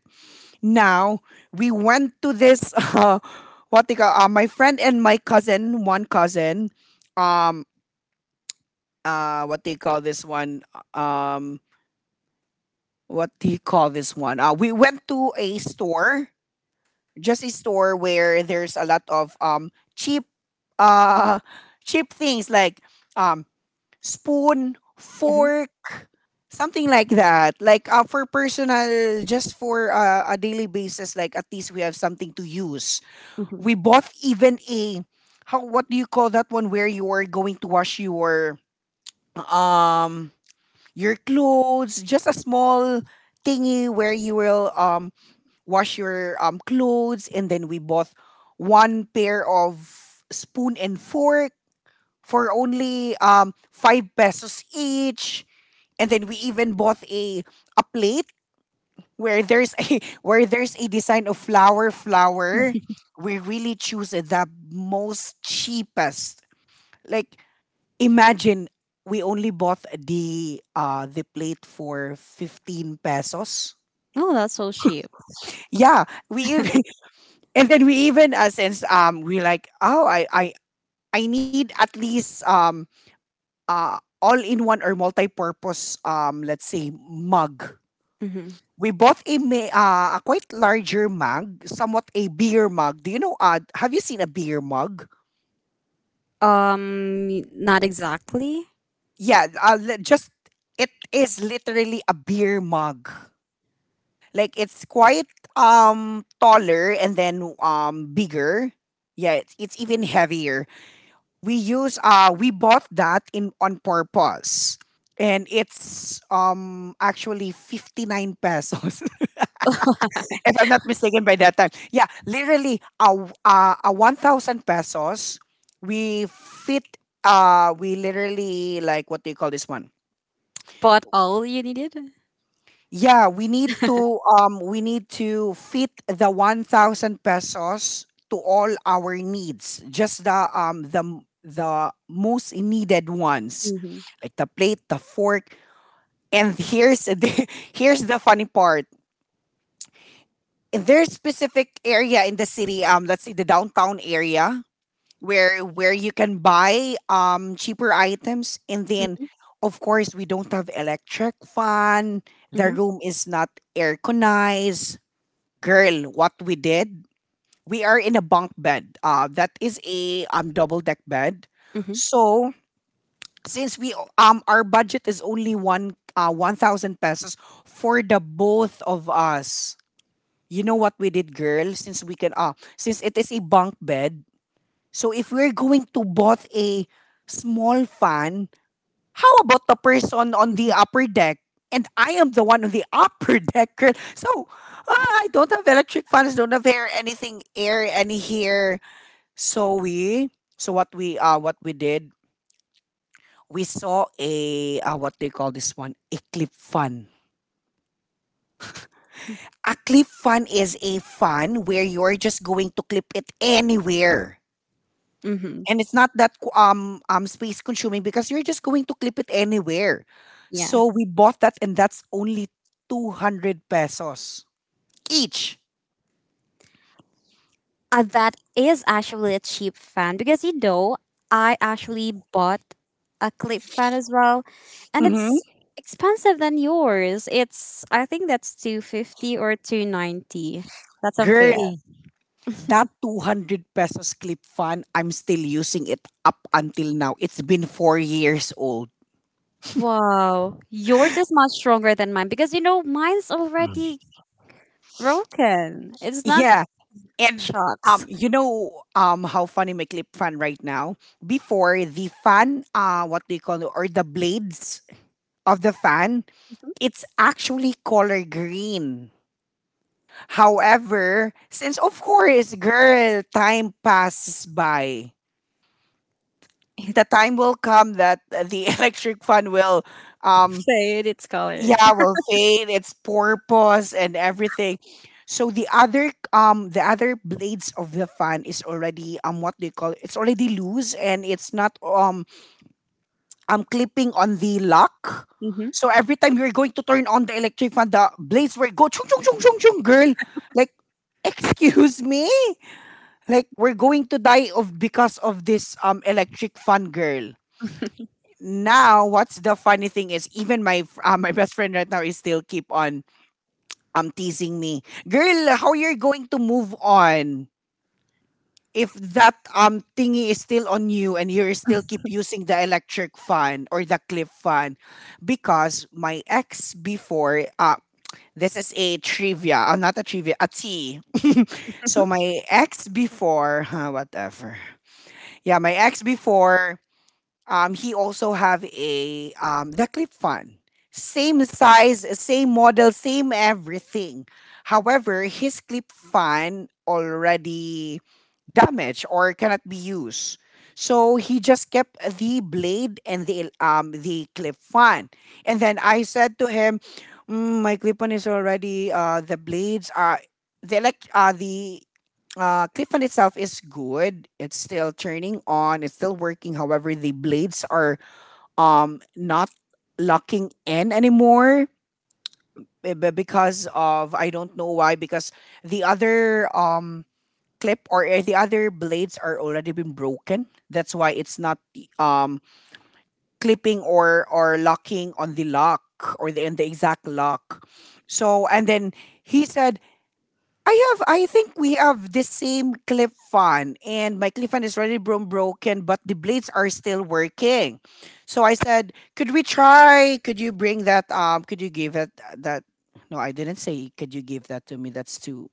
S1: Now we went to this (laughs) what they call my friend and my cousin, one cousin, um uh what they call this one um what do you call this one? We went to a store, just a store where there's a lot of cheap uh cheap things like um spoon,
S2: (laughs) hmm.
S1: fork, something like that. Like for personal, just for a daily basis, like at least we have something to use.
S2: Hmm.
S1: We bought even a how, what do you call that one where you are going to wash um your clothes, just a small thingy where you will wash your clothes, and then we bought one pair of spoon and fork for only 5 pesos each, and then we even bought a plate where there's a (laughs) where there's a design of flower. We really choose the most cheapest, like, imagine, we only bought the plate for 15 pesos.
S2: Oh, that's so cheap.
S1: Yeah, we even, and then we even since we like, oh, I I need at least uh all in one or multi-purpose, let's say, mug.
S2: Hmm.
S1: We bought a a quite larger mug, somewhat a beer mug. Do you know, have you seen a beer mug?
S2: Not exactly,
S1: Yeah, just it is literally a beer mug. Like, it's quite taller and then bigger. Yeah, it's even heavier. We bought that in on purpose, and it's actually 59 pesos, (laughs) if I'm not mistaken. By that time, yeah, literally a a 1000 pesos we fit. We literally, like, what do you call this one?
S2: but all you needed.
S1: Yeah, we need to fit the 1000 pesos to all our needs, just the the most needed ones,
S2: Mm-hmm.
S1: like the plate, the fork, and here's the (laughs) here's the funny part. In there's specific area in the city, let's say the downtown area, where you can buy cheaper items. And then
S2: Mm-hmm.
S1: of course, we don't have electric fan, the
S2: Mm-hmm.
S1: room is not airconized. Girl, what we did, we are in a bunk bed. That is a double deck bed.
S2: Mm-hmm.
S1: So since we our budget is only 1000 pesos for the both of us. You know what we did, girl? Since we can, since it is a bunk bed, so if we're going to both a small fan, how about the person on the upper deck? And I am the one on the (laughs) upper deck, girl. So, ah, I don't have electric fans, don't have air, anything air, any here. So we, so what we did, we saw a, what do you call this one? A clip fan. A clip fan is a fan where you're just going to clip it anywhere.
S2: Mm-hmm.
S1: And it's not that space consuming because you're just going to clip it anywhere.
S2: Yeah.
S1: So we bought that, and that's only 200 pesos each.
S2: That is actually a cheap fan, because, you know, I actually bought a clip fan as well, and
S1: Hmm
S2: it's expensive than yours. It's, I think, that's 250 or 290. That's unfair.
S1: Girl, that 200 pesos clip fan, I'm still using it up until now. It's been 4 years old.
S2: Wow, yours is much stronger than mine, because, you know, mine's
S1: Mm.
S2: already broken. It's not
S1: Yeah. And
S2: shocks.
S1: you know how funny my clip fan right now? Before, the fan, what do you call it, or the blades of the fan,
S2: (laughs)
S1: it's actually color green. However, since of course, girl, time passes by. The time will come that the (laughs) electric fan will, um,
S2: Fade its color.
S1: yeah, will fade its purpose and everything. So the other blades of the fan is already, what they call, it's already loose, and it's not I'm clipping on the lock.
S2: (laughs) Hmm.
S1: So every time you're going to turn on the electric fan, the blades will go chung chung chung chung chung, girl. Like, (laughs) excuse me. Like, we're going to die of, because of this electric fan, girl. Now, what's the funny thing is, even my best friend right now is still keep on teasing me, girl. How you're going to move on if that thingy is still on you and you still keep using the electric fan or the clip fan? Because my ex before, this is a trivia, not a trivia, a tea. (laughs) So my ex before, huh, whatever, yeah, my ex before, he also have a the clip fan, same size, same model, same everything. However, his clip fan already damaged or cannot be used. So he just kept the blade and the clip on. And then I said to him, "Mm, my clip on is already, the blades are, the clip on itself is good. It's still turning on. It's still working. However, the blades are not locking in anymore." Because of, I don't know why, because the other clip or the other blades are already been broken. That's why it's not um clipping or locking on the lock, or the, in the exact lock. So and then he said, "I have, I think we have the same clip fan, and my clip fan is already broken, but the blades are still working." So I said, "Could we try? Could you bring that, could you give it, that, no, I didn't say could you give that to me? That's too,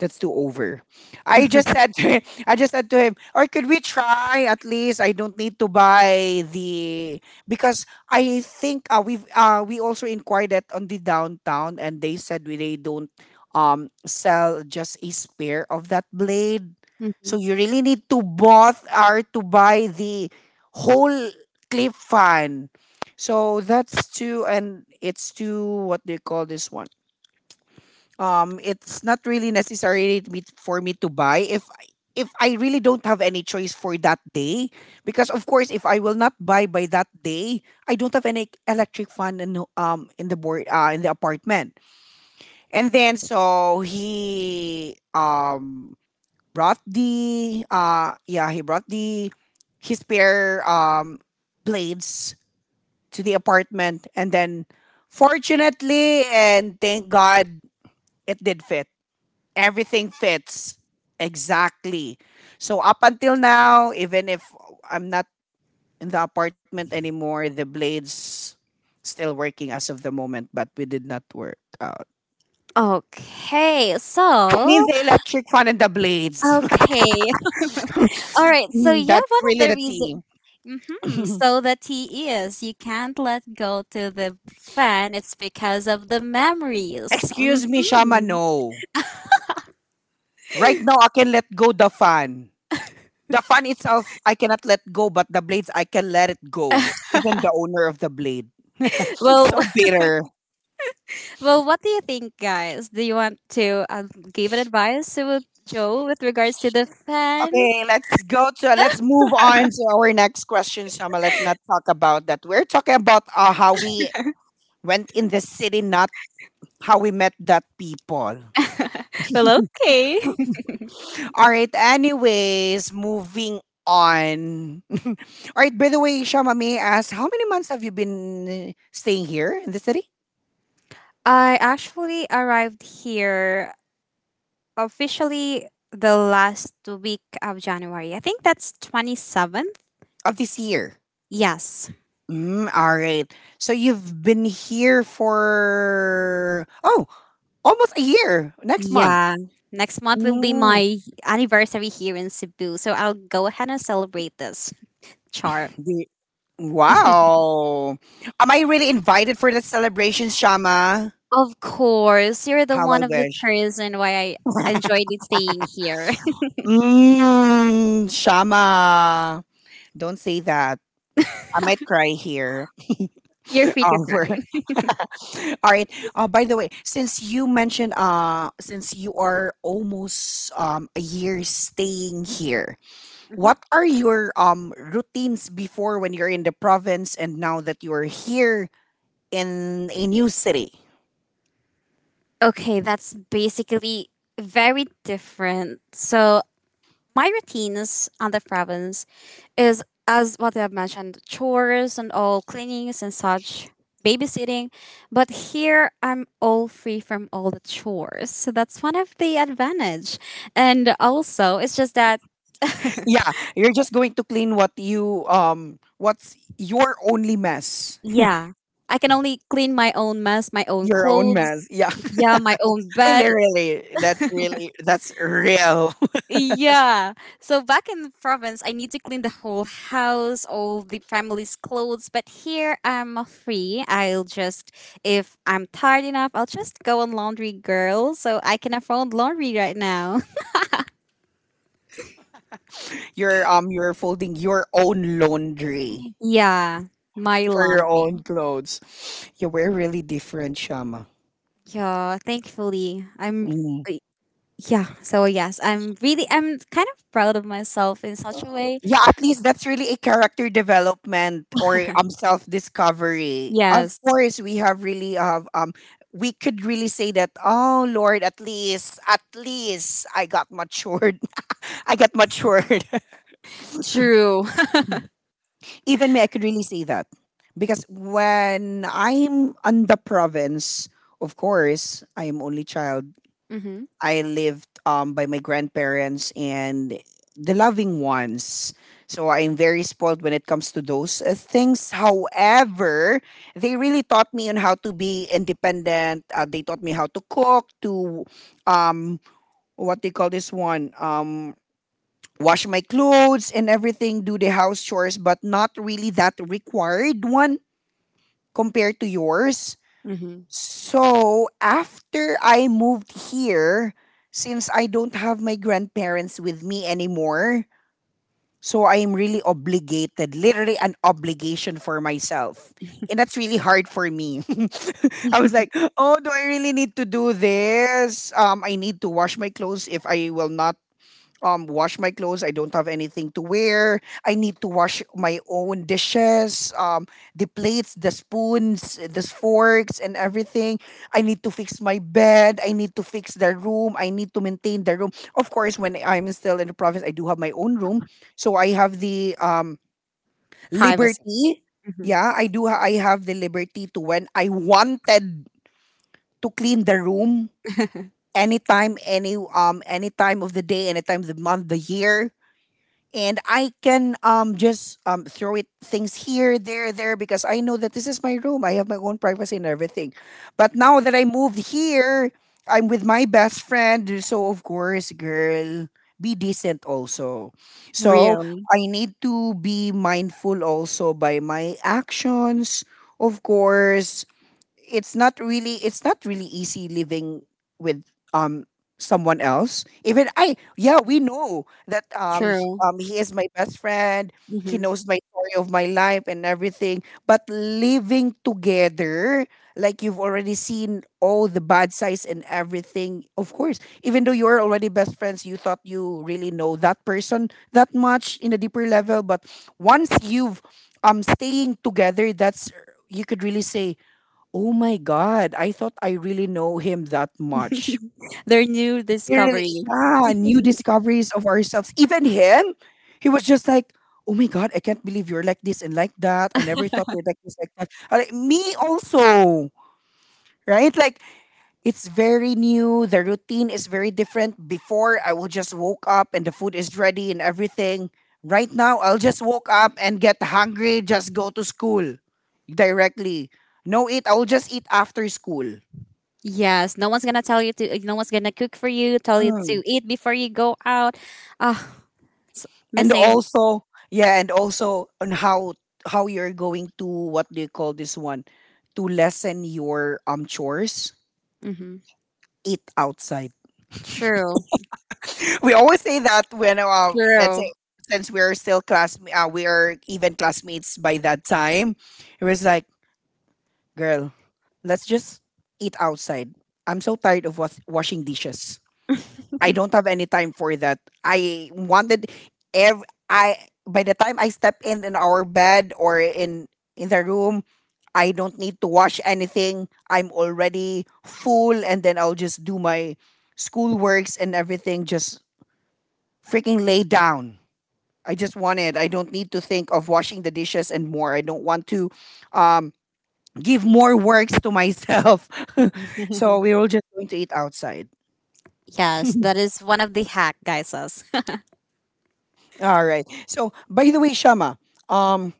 S1: that's too over." I just said to him, I just said to him, or could we try at least? I don't need to buy the, because I think, we also inquired that on the downtown, and they said we they don't sell just a spare of that blade. So you really need to both are to buy the whole clip fan. So that's too, and it's too, what do you call this one? It's not really necessary to me, for me to buy, if if I really don't have any choice for that day, because of course, if I will not buy by that day, I don't have any electric fan in the, in the board in the apartment. And then, so he, brought the, yeah, he brought the his spare blades to the apartment, and then, fortunately, and thank God, it did fit, everything fits exactly. So up until now, even if I'm not in the apartment anymore, the blades still working as of the moment, but we did not work out.
S2: Okay,
S1: I
S2: so
S1: mean, the electric fan and the blades. (laughs)
S2: okay, All right. So
S1: Mm,
S2: yeah,
S1: that's
S2: one of
S1: really
S2: the
S1: the
S2: reasons.
S1: thing.
S2: Hmm. So the tea is you can't let go to the fan. It's because of the memories.
S1: Excuse me, Shama,
S2: Hmm.
S1: no, right now I can let go the fan. The fan itself I cannot let go, but the blades I can let it go, even the owner of the blade. (laughs)
S2: Well,
S1: So
S2: (laughs)
S1: bitter.
S2: well, what do you think, guys? Do you want to give an advice to Joe with regards to the fan?
S1: Okay, let's go to, let's move on to our next question, Shama. Let's not talk about that. We're talking about, how we went in the city, not how we met that people.
S2: Well, okay.
S1: All right. Anyways, moving on. (laughs) All right. By the way, Shama, may I ask how many months have you been staying here in the city
S2: (laughs) I actually arrived here officially the last week of January. I think that's 27th.
S1: of this year?
S2: Yes.
S1: Mm, all right. So you've been here for, oh, almost a year. Next month.
S2: Yeah. Next month will be
S1: Mm.
S2: my anniversary here in Cebu, so I'll go ahead and celebrate this, Char.
S1: Wow. Am I really invited for that celebration, Shama?
S2: Of course, you're the
S1: How
S2: one
S1: I
S2: of the
S1: wish.
S2: person why I
S1: (laughs)
S2: enjoyed it staying here.
S1: Mm, Shama. Don't say that. I might cry here. (laughs)
S2: (laughs) You're free to
S1: Over.
S2: cry.
S1: All right. By the way, since you mentioned, since you are almost a year staying here, what are your routines before when you're in the province, and now that you're here in a new city?
S2: Okay, that's basically very different. So my routines on the province is as what I've mentioned, chores and all cleanings and such, babysitting. But here I'm all free from all the chores. So that's one of the advantage. And also it's just that. (laughs)
S1: Yeah, you're just going to clean what you, what's your only mess.
S2: Yeah. I can only clean my own mess, my own
S1: Your own
S2: clothes,
S1: mess. Yeah.
S2: yeah, my own
S1: (laughs) I
S2: bed.
S1: literally. That's really, that's real.
S2: Yeah. So back in the province, I need to clean the whole house, all the family's clothes. But here, I'm free. I'll just, if I'm tired enough, I'll just go on laundry, girl. So I can afford laundry right now.
S1: (laughs) You're folding your own laundry
S2: (laughs) Yeah, my
S1: for your
S2: laundry.
S1: own clothes. Yeah, we're really different, Shama.
S2: Yeah, thankfully, I'm.
S1: Mm.
S2: y- Yeah. So yes, I'm really. I'm kind of proud of myself in such a way.
S1: Yeah, at least that's really a character development or
S2: (laughs)
S1: self discovery. Of
S2: Yes.
S1: course, we have really have we could really say that, oh Lord, at least, at least I got matured. (laughs) I got matured.
S2: True.
S1: (laughs) Even me, I could really say that, because when I'm on the province, of course, I am only child.
S2: (laughs) Mm-hmm.
S1: I lived by my grandparents and the loving ones. So I'm very spoiled when it comes to those things. However, they really taught me on how to be independent. They taught me how to cook, to um what they call this one wash my clothes and everything, do the house chores, but not really that required one compared to yours.
S2: Mm-hmm.
S1: So after I moved here, since I don't have my grandparents with me anymore, so I am really obligated, literally an obligation for myself. And that's really hard for me. (laughs) I was like, oh, do I really need to do this? I need to wash my clothes if I will not wash my clothes, I don't have anything to wear. I need to wash my own dishes, the plates, the spoons, the forks, and everything. I need to fix my bed, I need to fix the room, I need to maintain the room. Of course, when I'm still in the province, I do have my own room, so I have the
S2: Privacy.
S1: liberty.
S2: Hmm.
S1: Yeah, I do I have the liberty to, when I wanted to clean the room, anytime, any time of the day, any time of the month, the year. And I can just throw it things here, there, because I know that this is my room. I have my own privacy and everything. But now that I moved here, I'm with my best friend, so of course, girl, be decent also.
S2: (laughs)
S1: So
S2: Real.
S1: I need to be mindful also by my actions, of course. It's not really easy living with um someone else. Even I, yeah, we know that,
S2: True.
S1: he is my best friend, he
S2: Hmm.
S1: knows my story of my life and everything, but living together, like, you've already seen all the bad sides and everything. Of course, even though you're already best friends, you thought you really know that person that much in a deeper level, but once you've staying together, that's, you could really say, oh my God, I thought I really know him that much.
S2: Their new
S1: Really,
S2: discovery.
S1: yeah, new discoveries of ourselves. Even him, he was just like, oh my God, I can't believe you're like this and like that. I never thought you're like this, like that. I'm like, me also, right? Like, it's very new. The routine is very different. Before, I will just woke up and the food is ready and everything. Right now, I'll just woke up and get hungry, just go to school directly. No eat, I will just eat after school.
S2: Yes, no one's gonna tell you to. No one's gonna cook for you. Tell you to eat before you go out. Ah, s-
S1: And
S2: missing.
S1: also, yeah, and also on how you're going to, what do you call this one, to lessen your chores,
S2: Hmm.
S1: eat outside.
S2: True.
S1: (laughs) We always say that when let's say,
S2: True.
S1: since we're still class, we are even classmates by that time, it was like, girl, let's just eat outside. I'm so tired of washing dishes. I don't have any time for that. I wanted ev- I, by the time I step in our bed or in the room, I don't need to wash anything. I'm already full, and then I'll just do my schoolworks and everything, just freaking lay down. I just want it. I don't need to think of washing the dishes and more. I don't want to um, give more works to myself. (laughs) So we were just going to eat outside.
S2: Yes, that
S1: (laughs)
S2: is one of the hack guys says. (laughs)
S1: All right. So, by the way, Shama, um,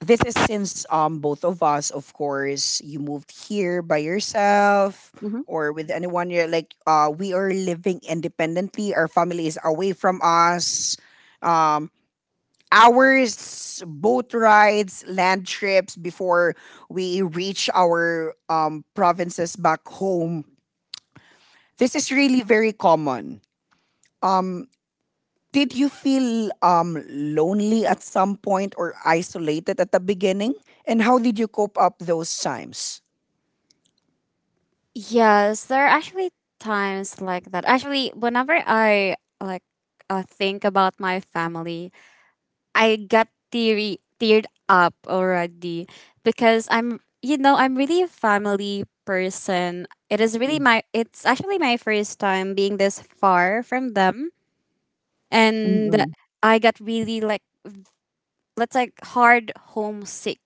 S1: this is, since both of us, of course, you moved here by yourself
S2: Hmm.
S1: or with anyone. You're like, we are living independently. Our family is away from us. Um, hours, boat rides, land trips before we reach our provinces back home. This is really very common. Did you feel, lonely at some point, or isolated at the beginning? And how did you cope up those times?
S2: Yes, there are actually times like that. Actually, whenever I, like, think about my family, I got teary teared up already, because I'm you know I'm really a family person. It is really my it's actually my first time being this far from them, and
S1: Mm-mm.
S2: I got really like, let's, like, hard homesick.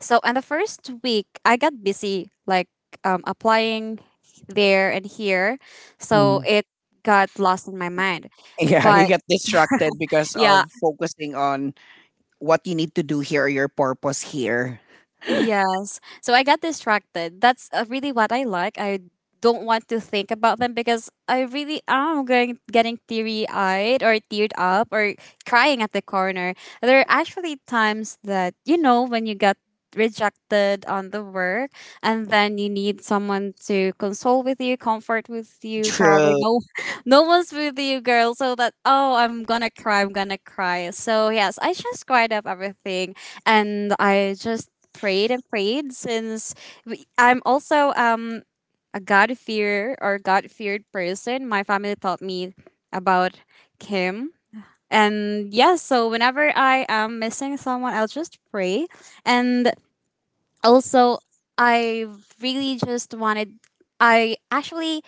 S2: So and the first week I got busy, like, applying there and here. So
S1: Mm. (laughs)
S2: it got lost in my mind.
S1: Yeah, you
S2: But
S1: get distracted because
S2: yeah.
S1: of focusing on what you need to do here, your purpose here.
S2: Yes. So I got distracted. That's, really what I like. I don't want to think about them because I really am going getting teary eyed or teared up or crying at the corner. There are actually times that, you know, when you get rejected on the work and then you need someone to console with you, comfort with you, however,
S1: True.
S2: no, (laughs) no one's with you, girl. So that, oh, I'm gonna cry, I'm gonna cry. So yes, I just cried up everything. And I just prayed and prayed, since I'm also a God fear or God feared person. My family taught me about him. And yeah, so whenever I am missing someone, I'll just pray. And also, I really just wanted, I actually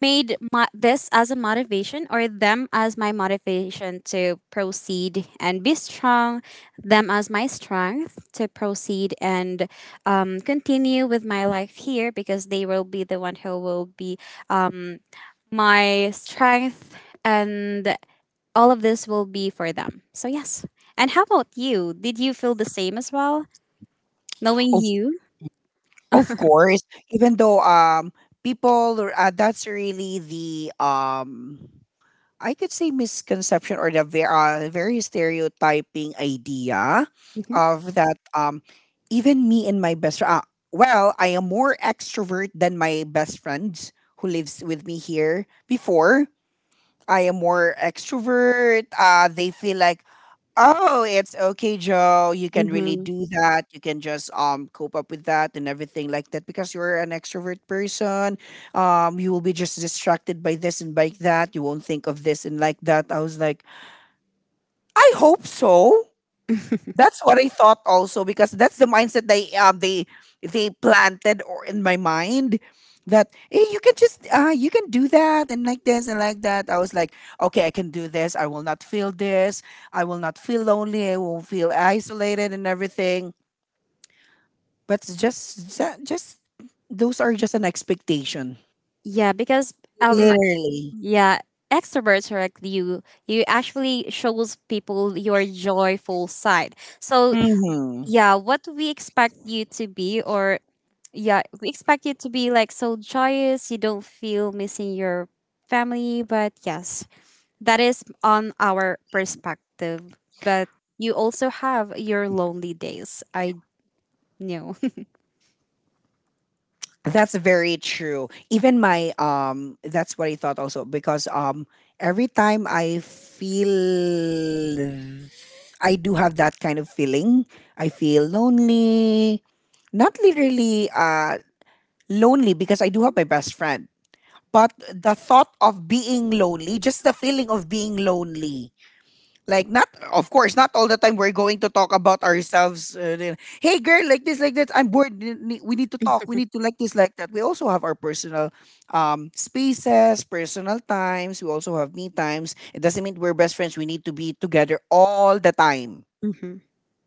S2: made this as a motivation, or them as my motivation to proceed and be strong, them as my strength to proceed and continue with my life here, because they will be the one who will be um, my strength, and all of this will be for them. So, yes. And how about you? Did you feel the same as well, knowing
S1: Of
S2: you?
S1: of course, even though people, that's really the I could say misconception, or the very stereotyping idea
S2: Hmm.
S1: of that, even me and my best friend, well, I am more extrovert than my best friend who lives with me here before. I am more extrovert, they feel like, oh, it's okay, Joe, you can really
S2: Hmm.
S1: do that. You can just cope up with that and everything like that, because you're an extrovert person. You will be just distracted by this and by that. You won't think of this and like that. I was like, I hope so.
S2: (laughs)
S1: That's what I thought also, because that's the mindset they they planted or in my mind, that, hey, you can just you can do that and like this and like that. I was like, okay, I can do this. I will not feel this. I will not feel lonely. I won't feel isolated and everything. But it's just just those are just an expectation.
S2: Yeah, because um.
S1: Literally.
S2: Yeah, extroverts are like you. You actually shows people your joyful side. So
S1: Mm-hmm.
S2: yeah, what we expect you to be, or, yeah, we expect you to be like so joyous. You don't feel missing your family, but yes, that is on our perspective. But you also have your lonely days. I know.
S1: That's very true. Even my, that's what I thought also, because every time I feel, I do have that kind of feeling, I feel lonely. Not literally lonely, because I do have my best friend, but the thought of being lonely, just the feeling of being lonely. Like, not, of course, not all the time we're going to talk about ourselves. Then, hey, girl, like this, like that, I'm bored, we need, we need to talk, we need to like this, like that. We also have our personal, spaces, personal times. We also have me times. It doesn't mean we're best friends, we need to be together all the time.
S2: (laughs) Mm-hmm.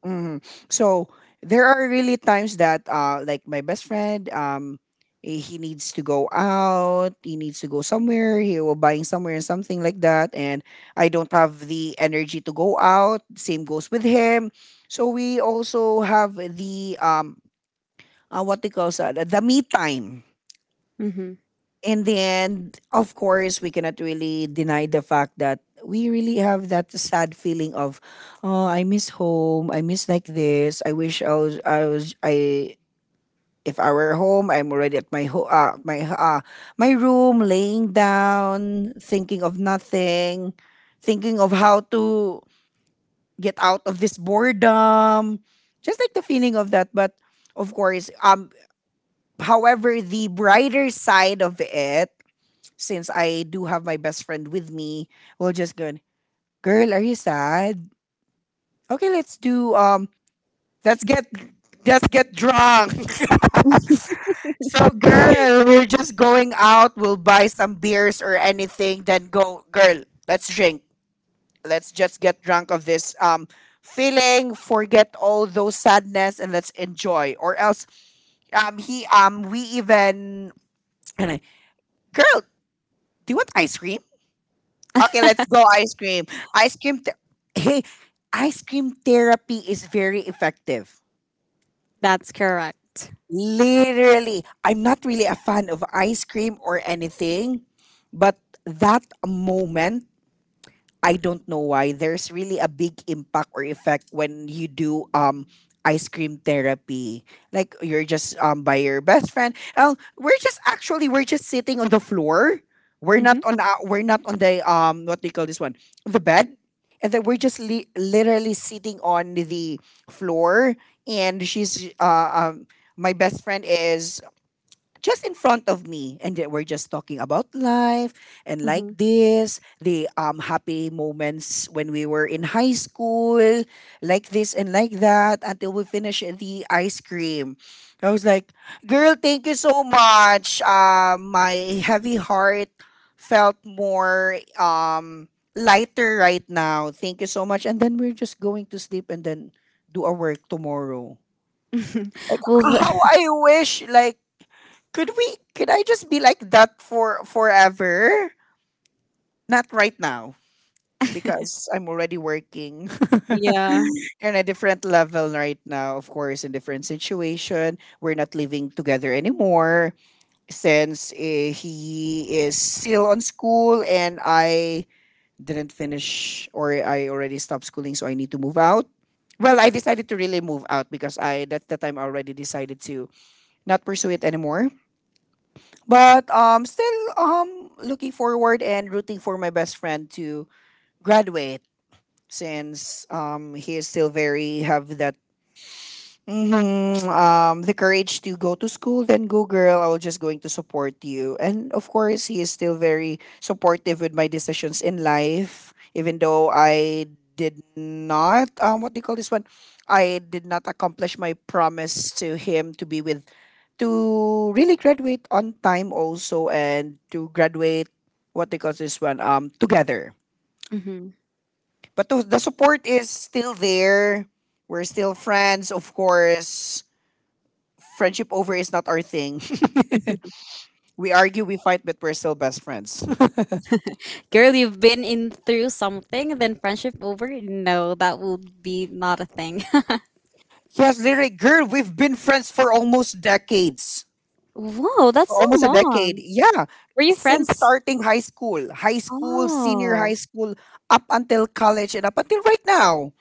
S1: Hmm. So there are really times that, like my best friend, he needs to go out, he needs to go somewhere, he will buying somewhere and something like that, and I don't have the energy to go out. Same goes with him. So we also have the what they call that, the me time.
S2: Mm-hmm.
S1: In the end, of course, we cannot really deny the fact that we really have that sad feeling of, oh, I miss home. I miss like this. I wish I was, I was, I, if I were home, I'm already at my, my, my room, laying down, thinking of nothing, thinking of how to get out of this boredom. Just like the feeling of that. But of course, however, the brighter side of it, since I do have my best friend with me, we'll just go, girl, are you sad? Okay, let's do, let's get, let's get drunk. (laughs) So, girl, we're just going out, we'll buy some beers or anything, then go, girl, let's drink. Let's just get drunk of this feeling, forget all those sadness, and let's enjoy. Or else, he we even, and I, girl, do you want ice cream? Okay, let's go ice cream. Ice cream. Hey, ice cream therapy is very effective.
S2: That's correct.
S1: Literally, I'm not really a fan of ice cream or anything, but that moment, I don't know why there's really a big impact or effect when you do ice cream therapy. Like, you're just by your best friend. Oh, we're just actually, we're just sitting on the floor. We're not
S2: Mm-hmm.
S1: on, we're not on the, what do you call this one? The bed. And then we're just literally sitting on the floor, and she's my best friend is just in front of me, and they we're just talking about life and like this, the happy moments when we were in high school, like this and like that, until we finish the ice cream. I was like, girl, thank you so much, my heavy heart felt more, lighter right now, thank you so much. And then we're just going to sleep, and then do our work tomorrow. Like,
S2: Mm-hmm. (laughs) Well,
S1: how
S2: the,
S1: I wish, like, could we, could I just be like that for forever? Not right now, because I'm already working
S2: yeah.
S1: (laughs) in a different level right now, of course, in different situation. We're not living together anymore, since, he is still on school, and I didn't finish, or I already stopped schooling, so I need to move out. Well, I decided to really move out, because I, that's the time I already decided to not pursue it anymore. But, still, looking forward and rooting for my best friend to graduate, since, he is still very have that, mm-hmm, the courage to go to school, then go, girl, I was just going to support you. And of course, he is still very supportive with my decisions in life, even though I did not, what do you call this one, I did not accomplish my promise to him to be with, to really graduate on time also, and to graduate, what do you call this one, together.
S2: Mm-hmm.
S1: But the support is still there. We're still friends, of course. Friendship over is not our thing. (laughs) We argue, we fight, but we're still best friends. (laughs)
S2: Girl, you've been in through something, then friendship over? No, that would be not a thing.
S1: Yes, Lyric, girl, we've been friends for almost decades.
S2: (laughs) Whoa, that's
S1: For
S2: so
S1: almost a decade.
S2: long.
S1: Yeah.
S2: Were you
S1: Since
S2: friends?
S1: starting high school, senior high
S2: Oh.
S1: school, up until college and up until right now.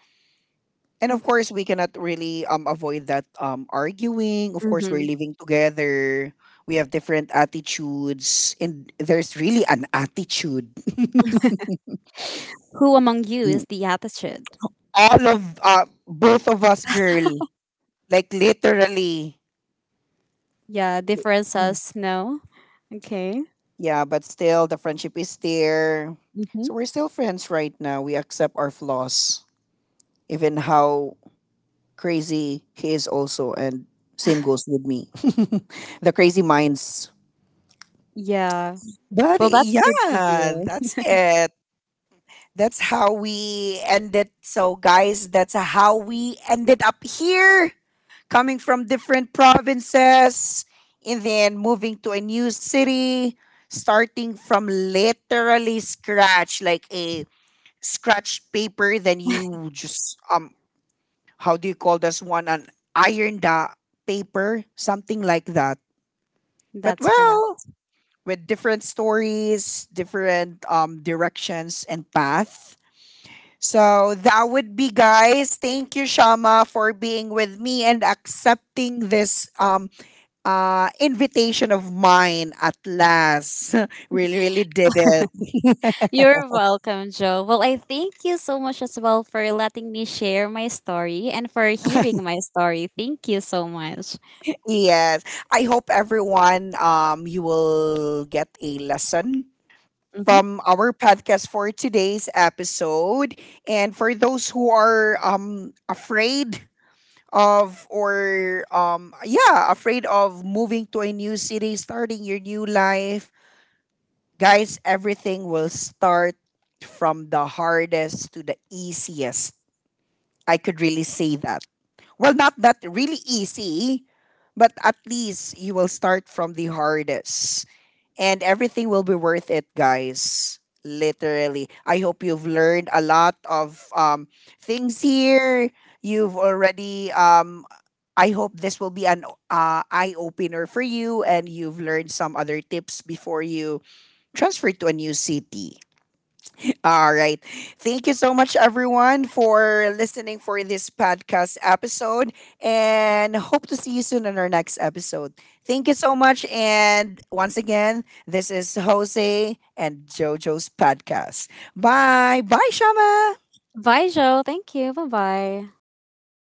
S1: And of course, we cannot really avoid that arguing. Of course, we're
S2: Mm-hmm.
S1: living together. We have different attitudes, and there's really an attitude. (laughs)
S2: Who among you is the attitude?
S1: All of, both of us, girl. Like, literally.
S2: Yeah,
S1: Mm.
S2: differences, no. Okay.
S1: Yeah, but still, the friendship is there.
S2: Mm-hmm.
S1: So we're still friends right now. We accept our flaws, even how crazy he is, also. And same goes with me. (laughs) The crazy minds.
S2: Yeah.
S1: But
S2: Well, that's good to
S1: yeah,
S2: hear.
S1: that's it. That's how we ended. So, guys, that's how we ended up here, coming from different provinces and then moving to a new city, starting from literally scratch, like a scratch paper. Then you just, how do you call this one, an iron the paper, something like that.
S2: (laughs)
S1: But,
S2: That's
S1: well,
S2: correct.
S1: with different stories, different, directions and path. So that would be, guys, thank you, Shama, for being with me and accepting this, invitation of mine at last. (laughs) Really really did it. (laughs)
S2: You're welcome, Joe. Well, I thank you so much as well for letting me share my story and for hearing my story. Thank you so much.
S1: Yes. I hope everyone, you will get a lesson from our podcast for today's episode. And for those who are, afraid of, or, yeah, afraid of moving to a new city, starting your new life, guys, everything will start from the hardest to the easiest. I could really say that. Well, not that really easy, but at least you will start from the hardest. And everything will be worth it, guys. Literally. I hope you've learned a lot of, things here. You've already, I hope this will be an, eye opener for you, and you've learned some other tips before you transferred to a new city. All right. Thank you so much, everyone, for listening for this podcast episode, and hope to see you soon on our next episode. Thank you so much, and once again, this is Jose and JoJo's podcast. Bye, bye, Shama.
S2: Bye, Joe. Thank you. Bye bye.